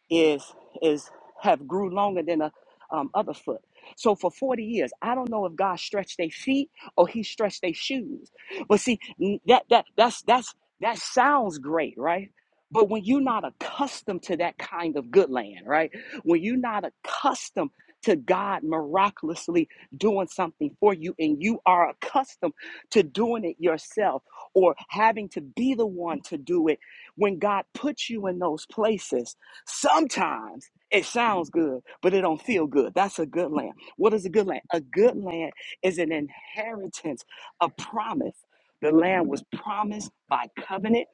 Speaker 2: is is have grew longer than a um, other foot. So for 40 years, I don't know if God stretched their feet or he stretched their shoes. But see, n- that that that's that's that sounds great, right? But when you're not accustomed to that kind of good land, right? When you're not accustomed to God miraculously doing something for you and you are accustomed to doing it yourself or having to be the one to do it, when God puts you in those places, Sometimes it sounds good, but it don't feel good. That's a good land. What is a good land? A good land is an inheritance, a promise. The land was promised by covenant.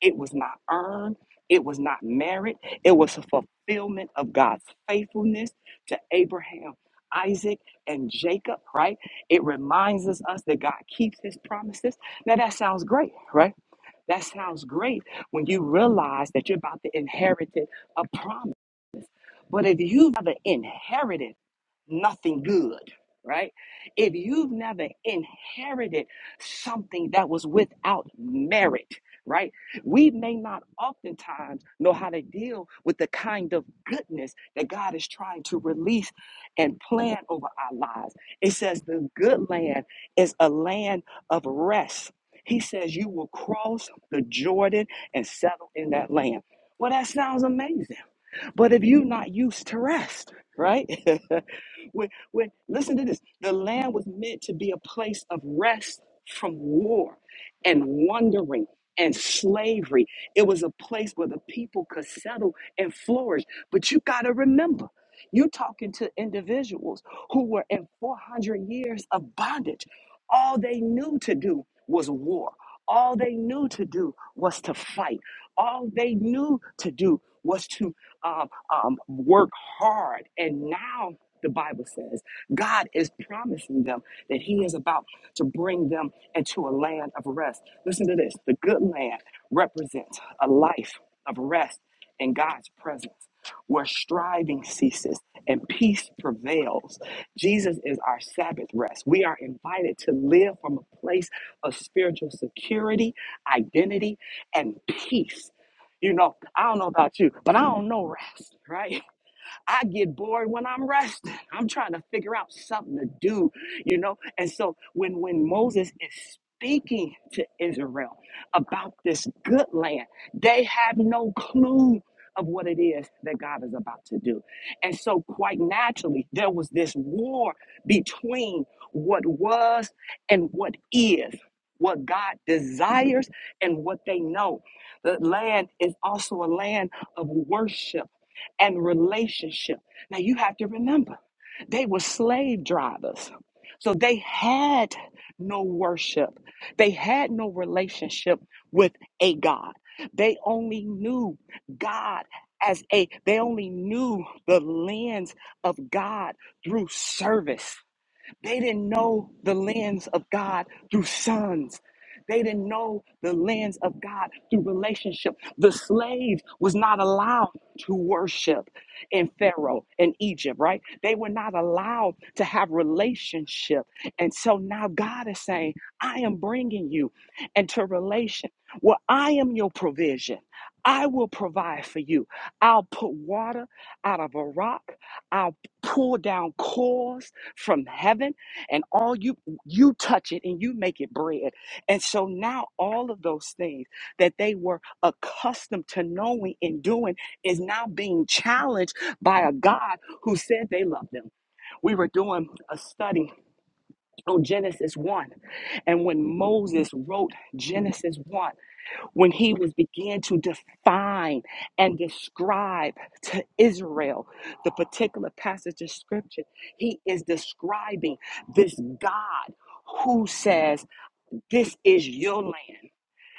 Speaker 2: It was not earned. It was not merit. It was a fulfillment of God's faithfulness to Abraham, Isaac, and Jacob, right? It reminds us, us that God keeps his promises. Now that sounds great, right? That sounds great when you realize that you're about to inherit a promise. But if you've never inherited nothing good, right? If you've never inherited something that was without merit, right? We may not oftentimes know how to deal with the kind of goodness that God is trying to release and plan over our lives. It says the good land is a land of rest. He says you will cross the Jordan and settle in that land. Well, that sounds amazing but if you're not used to rest, right? [laughs] when, when, listen to this the land was meant to be a place of rest from war and wandering and slavery. It was a place where the people could settle and flourish. But you got to remember, you're talking to individuals who were in 400 years of bondage. All they knew to do was war. All they knew to do was to fight. All they knew to do was to um, um, work hard. And now the Bible says God is promising them that He is about to bring them into a land of rest. Listen to this the good land represents a life of rest in God's presence where striving ceases and peace prevails. Jesus is our Sabbath rest. We are invited to live from a place of spiritual security, identity, and peace you know, I don't know about you, but I don't know rest, right? I get bored when I'm resting. I'm trying to figure out something to do, you know? And so when when Moses is speaking to Israel about this good land, they have no clue of what it is that God is about to do. And so quite naturally, there was this war between what was and what is. What God desires and what they know. The land is also a land of worship and relationship. Now you have to remember, they were slave drivers. So they had no worship. They had no relationship with a God. They only knew God as a, they only knew the lens of God through service. They didn't know the lens of God through sons. They didn't know the lens of God through relationship. The slave was not allowed to worship in Pharaoh in Egypt, right? They were not allowed to have relationship. And so now God is saying, I am bringing you into relation. Well, I am your provision. I will provide for you. I'll put water out of a rock. I'll pull down cores from heaven and all you you touch it and you make it bread and so now all of those things that they were accustomed to knowing and doing is now being challenged by a god who said they loved them we were doing a study on genesis 1 and when moses wrote genesis 1 when he was began to define and describe to Israel the particular passage of scripture he is describing this God who says this is your land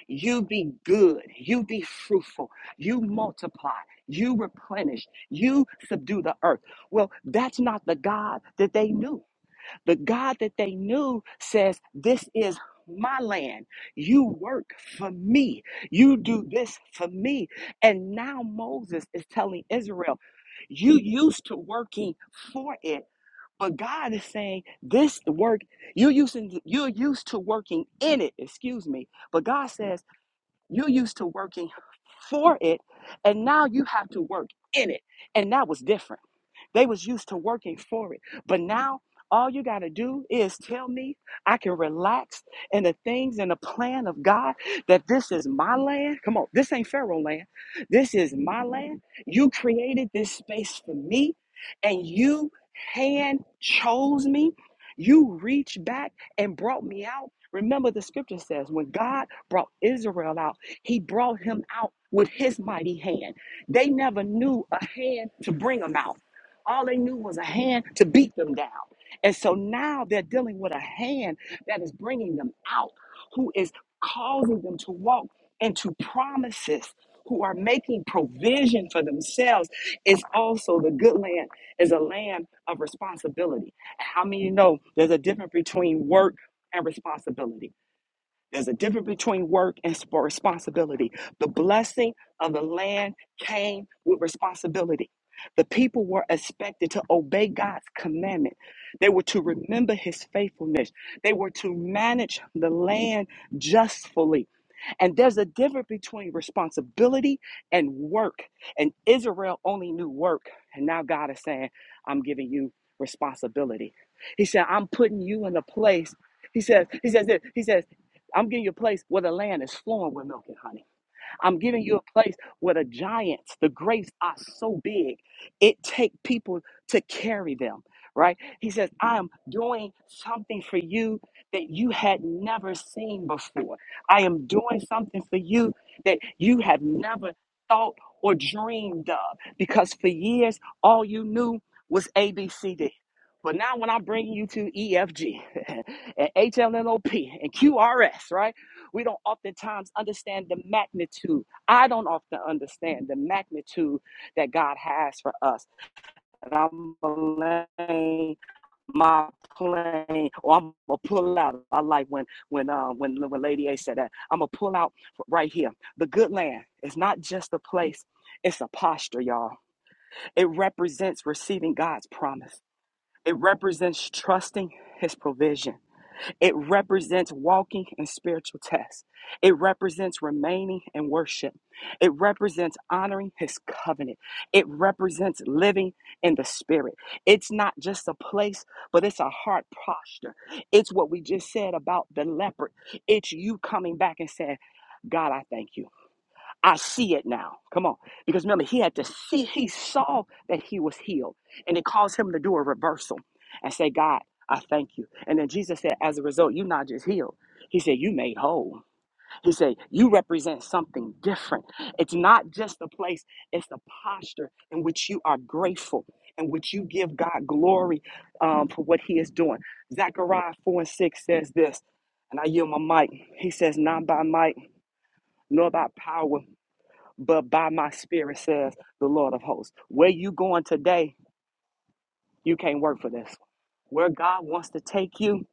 Speaker 2: you be good you be fruitful you multiply you replenish you subdue the earth well that's not the God that they knew the God that they knew says, This is my land. You work for me. You do this for me. And now Moses is telling Israel, You used to working for it. But God is saying this work you're using you're used to working in it, excuse me. But God says you're used to working for it and now you have to work in it. And that was different. They was used to working for it. But now all you got to do is tell me I can relax in the things and the plan of God that this is my land. Come on, this ain't Pharaoh land. This is my land. You created this space for me and you hand chose me. You reached back and brought me out. Remember, the scripture says when God brought Israel out, he brought him out with his mighty hand. They never knew a hand to bring them out. All they knew was a hand to beat them down. And so now they're dealing with a hand that is bringing them out, who is causing them to walk into promises, who are making provision for themselves. It's also the good land is a land of responsibility. And how many know there's a difference between work and responsibility? There's a difference between work and sp- responsibility. The blessing of the land came with responsibility. The people were expected to obey God's commandment. They were to remember his faithfulness. They were to manage the land justly. And there's a difference between responsibility and work. And Israel only knew work. And now God is saying, I'm giving you responsibility. He said, I'm putting you in a place. He says, He says, this, He says, I'm giving you a place where the land is flowing with milk and honey. I'm giving you a place where the giants, the grapes are so big, it take people to carry them, right? He says, I am doing something for you that you had never seen before. I am doing something for you that you have never thought or dreamed of because for years, all you knew was ABCD. But now, when I'm bringing you to EFG [laughs] and HLNOP and QRS, right? We don't oftentimes understand the magnitude. I don't often understand the magnitude that God has for us. And I'm gonna land my plane, or I'm gonna pull out. I like when when uh, when when Lady A said that. I'm gonna pull out right here. The good land is not just a place; it's a posture, y'all. It represents receiving God's promise. It represents trusting His provision. It represents walking in spiritual tests. It represents remaining in worship. It represents honoring his covenant. It represents living in the spirit. It's not just a place, but it's a heart posture. It's what we just said about the leopard. It's you coming back and saying, God, I thank you. I see it now. Come on. Because remember, he had to see, he saw that he was healed. And it caused him to do a reversal and say, God, I thank you. And then Jesus said, as a result, you're not just healed. He said, You made whole. He said, You represent something different. It's not just the place, it's the posture in which you are grateful, in which you give God glory um, for what He is doing. Zechariah 4 and 6 says this, and I yield my mic. He says, Not by might, nor by power but by my spirit says the Lord of hosts. Where you going today, you can't work for this. Where God wants to take you,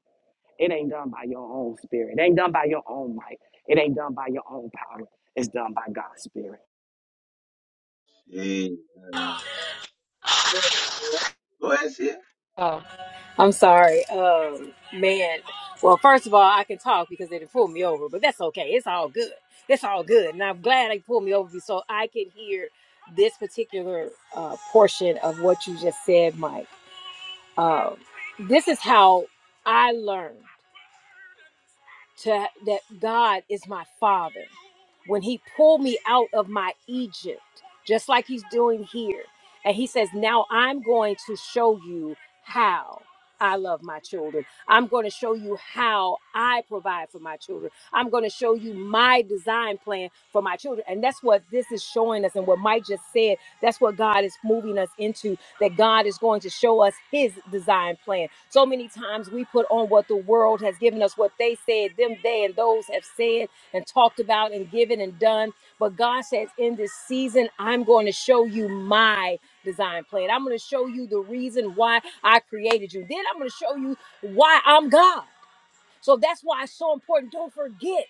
Speaker 2: it ain't done by your own spirit. It ain't done by your own might. It ain't done by your own power. It's done by God's spirit.
Speaker 1: Hey, uh, Go ahead, Sia. Go ahead, Sia.
Speaker 3: I'm sorry, um, man. Well, first of all, I can talk because they didn't pull me over, but that's okay. It's all good. It's all good, and I'm glad they pulled me over so I can hear this particular uh, portion of what you just said, Mike. Um, this is how I learn. to that God is my father. When he pulled me out of my Egypt, just like he's doing here, and he says, "Now I'm going to show you how I love my children. I'm going to show you how I provide for my children. I'm going to show you my design plan for my children." And that's what this is showing us and what Mike just said, that's what God is moving us into that God is going to show us his design plan. So many times we put on what the world has given us, what they said, them, they, and those have said and talked about and given and done. But God says, in this season, I'm going to show you my design plan. I'm going to show you the reason why I created you. Then I'm going to show you why I'm God. So that's why it's so important. Don't forget.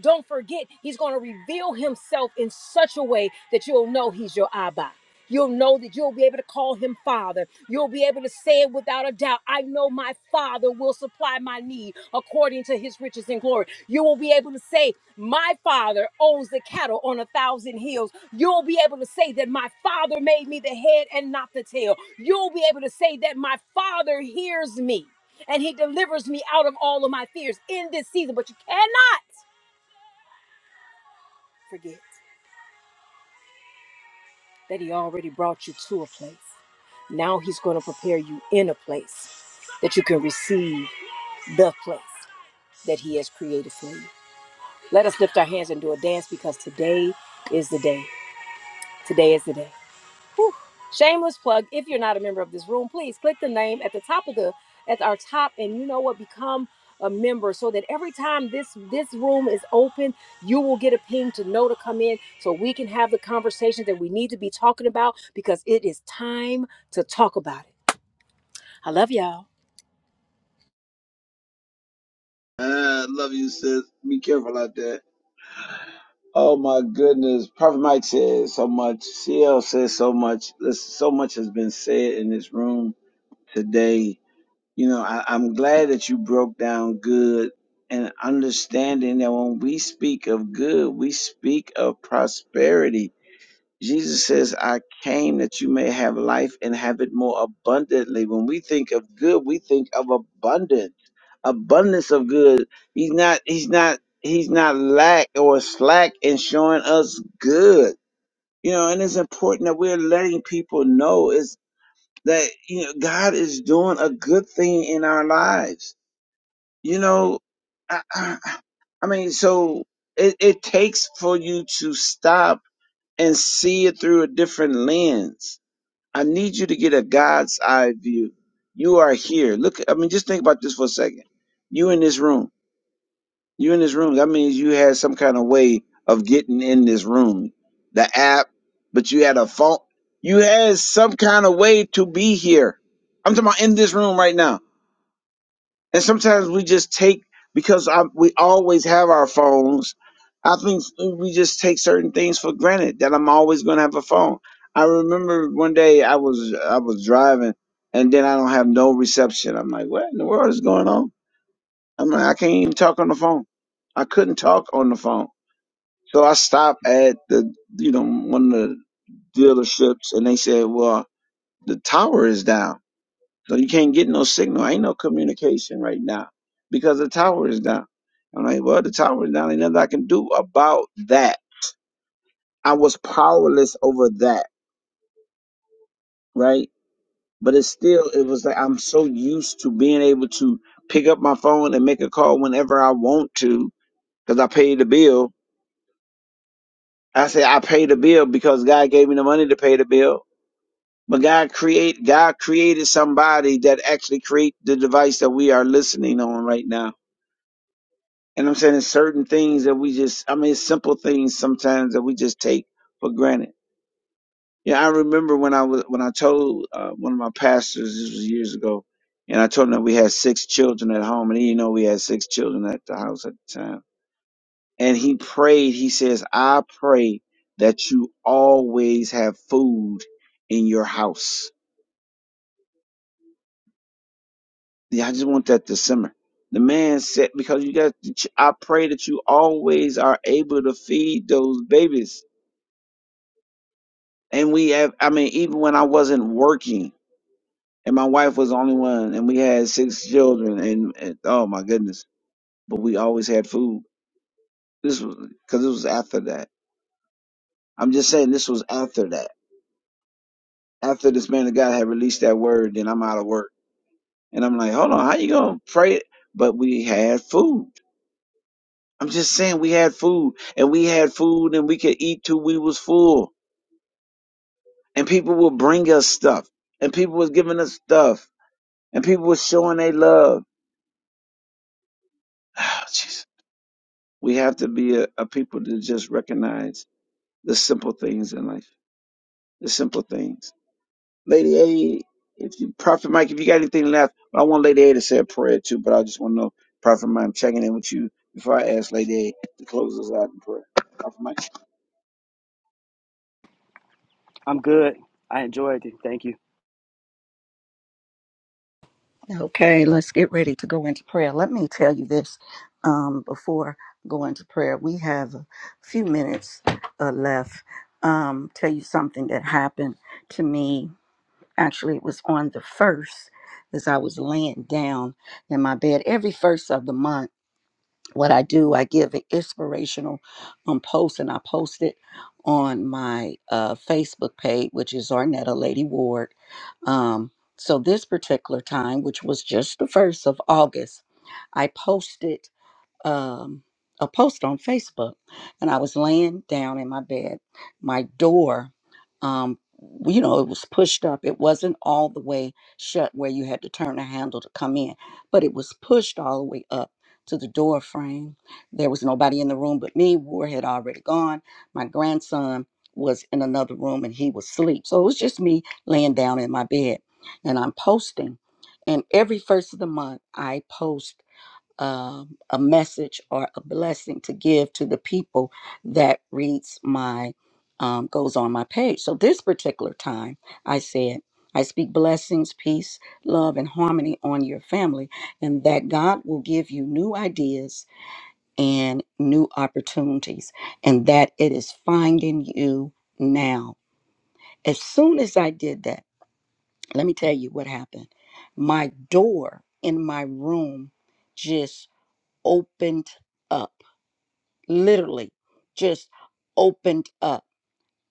Speaker 3: Don't forget, he's going to reveal himself in such a way that you'll know he's your Abba. You'll know that you'll be able to call him Father. You'll be able to say it without a doubt. I know my Father will supply my need according to his riches and glory. You will be able to say, My Father owns the cattle on a thousand hills. You'll be able to say that my Father made me the head and not the tail. You'll be able to say that my Father hears me and he delivers me out of all of my fears in this season. But you cannot Forget that He already brought you to a place. Now He's going to prepare you in a place that you can receive the place that He has created for you. Let us lift our hands and do a dance because today is the day. Today is the day. Whew. Shameless plug. If you're not a member of this room, please click the name at the top of the at our top, and you know what? Become a member so that every time this this room is open, you will get a ping to know to come in, so we can have the conversation that we need to be talking about because it is time to talk about it. I love y'all.
Speaker 1: I love you, sis. Be careful out there. Oh my goodness. Prophet Mike said so much. CL said so much. Listen, so much has been said in this room today. You know, I, I'm glad that you broke down good and understanding that when we speak of good, we speak of prosperity. Jesus says, I came that you may have life and have it more abundantly. When we think of good, we think of abundance, abundance of good. He's not, he's not, he's not lack or slack in showing us good. You know, and it's important that we're letting people know that you know God is doing a good thing in our lives. You know, I, I, I mean, so it, it takes for you to stop and see it through a different lens. I need you to get a God's eye view. You are here. Look, I mean, just think about this for a second. You in this room. You in this room. That means you had some kind of way of getting in this room. The app, but you had a phone. You had some kind of way to be here. I'm talking about in this room right now. And sometimes we just take because I, we always have our phones. I think we just take certain things for granted that I'm always going to have a phone. I remember one day I was I was driving and then I don't have no reception. I'm like, what in the world is going on? I'm like, I can't even talk on the phone. I couldn't talk on the phone. So I stopped at the, you know, one of the dealerships and they said, well, the tower is down. So you can't get no signal. Ain't no communication right now because the tower is down. I'm like, well, the tower is down. Ain't nothing I can do about that. I was powerless over that, right? But it's still, it was like, I'm so used to being able to pick up my phone and make a call whenever I want to because I paid the bill I said I paid the bill because God gave me the money to pay the bill. But God create God created somebody that actually create the device that we are listening on right now. And I'm saying it's certain things that we just I mean it's simple things sometimes that we just take for granted. Yeah, I remember when I was when I told uh, one of my pastors this was years ago, and I told him that we had six children at home, and he didn't know we had six children at the house at the time. And he prayed, he says, I pray that you always have food in your house. Yeah, I just want that to simmer. The man said, because you got, I pray that you always are able to feed those babies. And we have, I mean, even when I wasn't working and my wife was the only one and we had six children and, and oh my goodness, but we always had food. This was, cause it was after that. I'm just saying this was after that. After this man of God had released that word, then I'm out of work. And I'm like, hold on, how you gonna pray? But we had food. I'm just saying we had food and we had food and we could eat till we was full. And people would bring us stuff and people was giving us stuff and people was showing they love. [sighs] Oh, jeez. We have to be a, a people to just recognize the simple things in life, the simple things. Lady A, if you, Prophet Mike, if you got anything left, I want Lady A to say a prayer too, but I just want to know, Prophet Mike, I'm checking in with you before I ask Lady A to close us out in prayer. Prophet Mike.
Speaker 2: I'm good. I enjoyed it. Thank you.
Speaker 4: Okay, let's get ready to go into prayer. Let me tell you this um, before going to prayer. We have a few minutes uh, left. Um, tell you something that happened to me. Actually, it was on the first as I was laying down in my bed. Every first of the month what I do, I give an inspirational um, post, and I post it on my uh, Facebook page, which is Arnetta Lady Ward. Um, so this particular time, which was just the first of August, I posted um, a post on Facebook, and I was laying down in my bed. My door, um, you know, it was pushed up. It wasn't all the way shut where you had to turn the handle to come in, but it was pushed all the way up to the door frame. There was nobody in the room but me. War had already gone. My grandson was in another room and he was asleep. So it was just me laying down in my bed, and I'm posting. And every first of the month, I post um, a message or a blessing to give to the people that reads my um, goes on my page. So this particular time, I said, I speak blessings, peace, love, and harmony on your family, and that God will give you new ideas and new opportunities, and that it is finding you now. As soon as I did that, let me tell you what happened. My door in my room opened up, literally just opened up.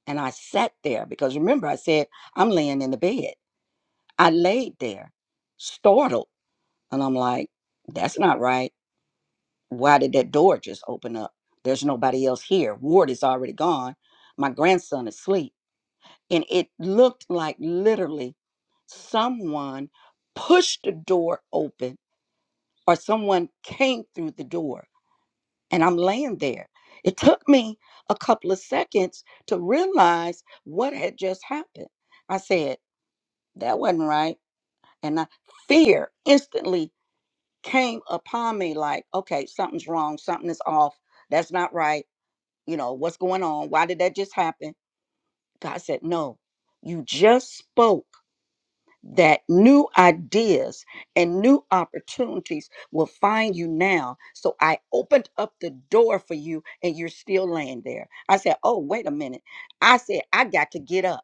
Speaker 4: And I sat there because remember, I said, I'm laying in the bed. I laid there, startled. And I'm like, that's not right. Why did that door just open up? There's nobody else here. Ward is already gone. My grandson is asleep. And it looked like literally someone pushed the door open or someone came through the door and I'm laying there. It took me a couple of seconds to realize what had just happened. I said, that wasn't right. And I, fear instantly came upon me like, okay, something's wrong. Something is off. That's not right. You know, what's going on? Why did that just happen? God said, no, you just spoke that new ideas and new opportunities will find you now. So I opened up the door for you and you're still laying there. I said, Oh, wait a minute. I said, I got to get up.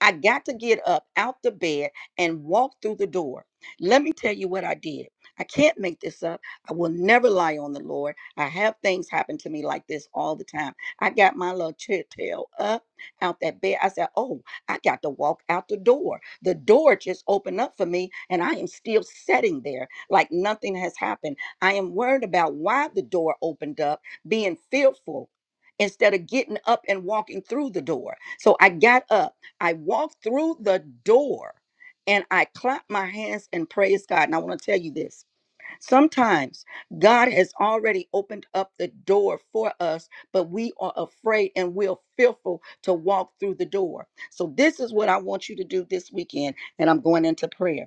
Speaker 4: I got to get up out the bed and walk through the door. Let me tell you what I did. I can't make this up. I will never lie on the Lord. I have things happen to me like this all the time. I got my little chair tail up out that bed. I said, Oh, I got to walk out the door. The door just opened up for me, and I am still sitting there like nothing has happened. I am worried about why the door opened up, being fearful instead of getting up and walking through the door. So I got up. I walked through the door and I clapped my hands and praised God. And I want to tell you this sometimes God has already opened up the door for us, but we are afraid and we're fearful to walk through the door. So, this is what I want you to do this weekend. And I'm going into prayer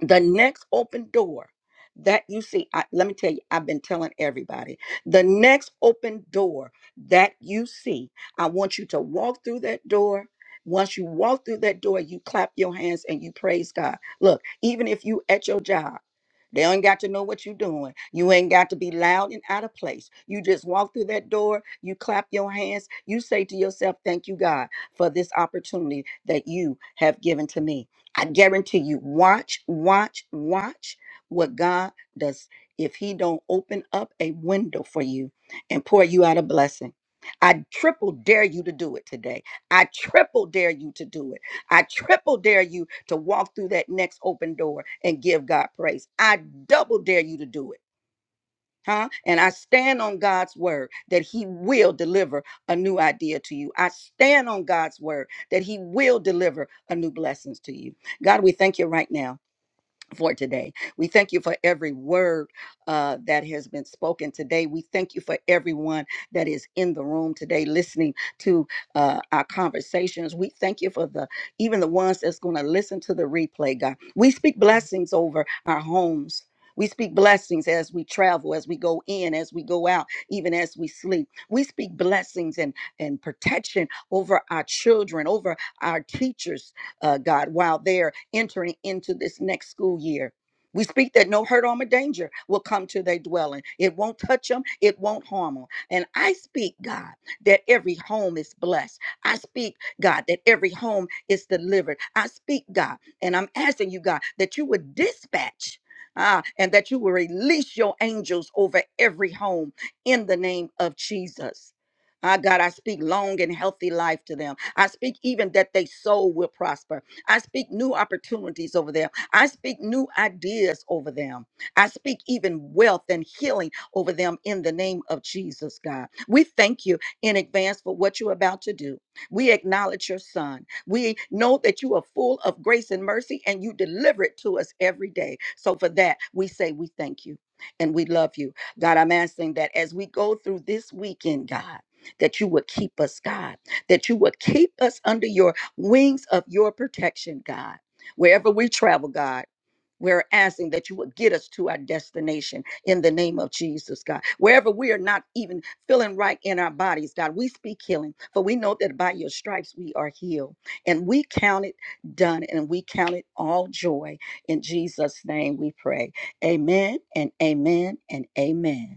Speaker 4: the next open door that you see I, let me tell you i've been telling everybody the next open door that you see i want you to walk through that door once you walk through that door you clap your hands and you praise god look even if you at your job they ain't got to know what you're doing. You ain't got to be loud and out of place. You just walk through that door, you clap your hands, you say to yourself, Thank you, God, for this opportunity that you have given to me. I guarantee you, watch, watch, watch what God does if He don't open up a window for you and pour you out a blessing. I triple dare you to do it today. I triple dare you to do it. I triple dare you to walk through that next open door and give God praise. I double dare you to do it huh? And I stand on God's word that He will deliver a new idea to you. I stand on God's word that He will deliver a new blessings to you. God, we thank you right now for today. We thank you for every word uh, that has been spoken today. We thank you for everyone that is in the room today listening to uh, our conversations. We thank you for the even the ones that's going to listen to the replay, God. We speak blessings over our homes. We speak blessings as we travel, as we go in, as we go out, even as we sleep. We speak blessings and, and protection over our children, over our teachers, uh, God, while they're entering into this next school year. We speak that no hurt, harm, or danger will come to their dwelling. It won't touch them. It won't harm them. And I speak, God, that every home is blessed. I speak, God, that every home is delivered. I speak, God, and I'm asking you, God, that you would dispatch. Ah, and that you will release your angels over every home in the name of Jesus. Ah, God, I speak long and healthy life to them. I speak even that they soul will prosper. I speak new opportunities over them. I speak new ideas over them. I speak even wealth and healing over them in the name of Jesus, God. We thank you in advance for what you're about to do. We acknowledge your son. We know that you are full of grace and mercy and you deliver it to us every day. So for that, we say we thank you and we love you. God, I'm asking that as we go through this weekend, God that you would keep us, God, that you would keep us under your wings of your protection, God. Wherever we travel, God, we're asking that you would get us to our destination in the name of Jesus, God. Wherever we are not even feeling right in our bodies, God, we speak healing, for we know that by your stripes we are healed. And we count it done, and we count it all joy. In Jesus' name we pray. Amen and amen and amen.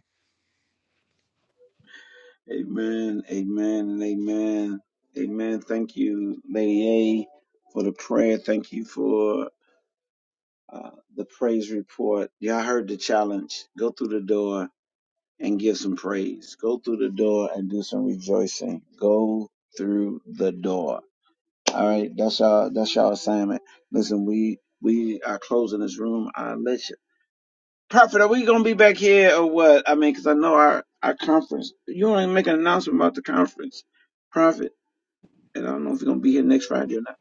Speaker 1: Amen, amen, and amen. Amen. Thank you, Lady A, for the prayer. Thank you for uh, the praise report. Y'all heard the challenge. Go through the door and give some praise. Go through the door and do some rejoicing. Go through the door. All right, that's y'all. That's y'all assignment. Listen, we we are closing this room. I let you, Prophet. Are we gonna be back here or what? I mean, cause I know our our conference. You want to make an announcement about the conference, Prophet? And I don't know if you're gonna be here next Friday or not.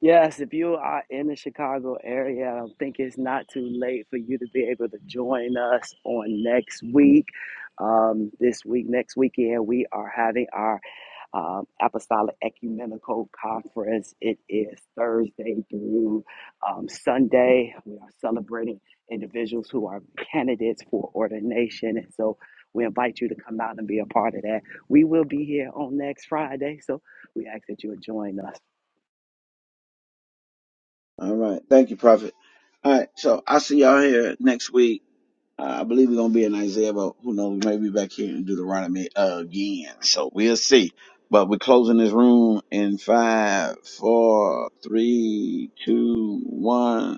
Speaker 2: Yes, if you are in the Chicago area, I don't think it's not too late for you to be able to join us on next week. Um, this week, next weekend, we are having our um, Apostolic Ecumenical Conference. It is Thursday through um, Sunday. We are celebrating individuals who are candidates for ordination. And so we invite you to come out and be a part of that. We will be here on next Friday. So we ask that you join us.
Speaker 1: All right. Thank you, Prophet. All right. So I'll see y'all here next week. Uh, I believe we're gonna be in Isaiah, but who knows? We may be back here in Deuteronomy again. So we'll see. But we're closing this room in five, four, three, two, one.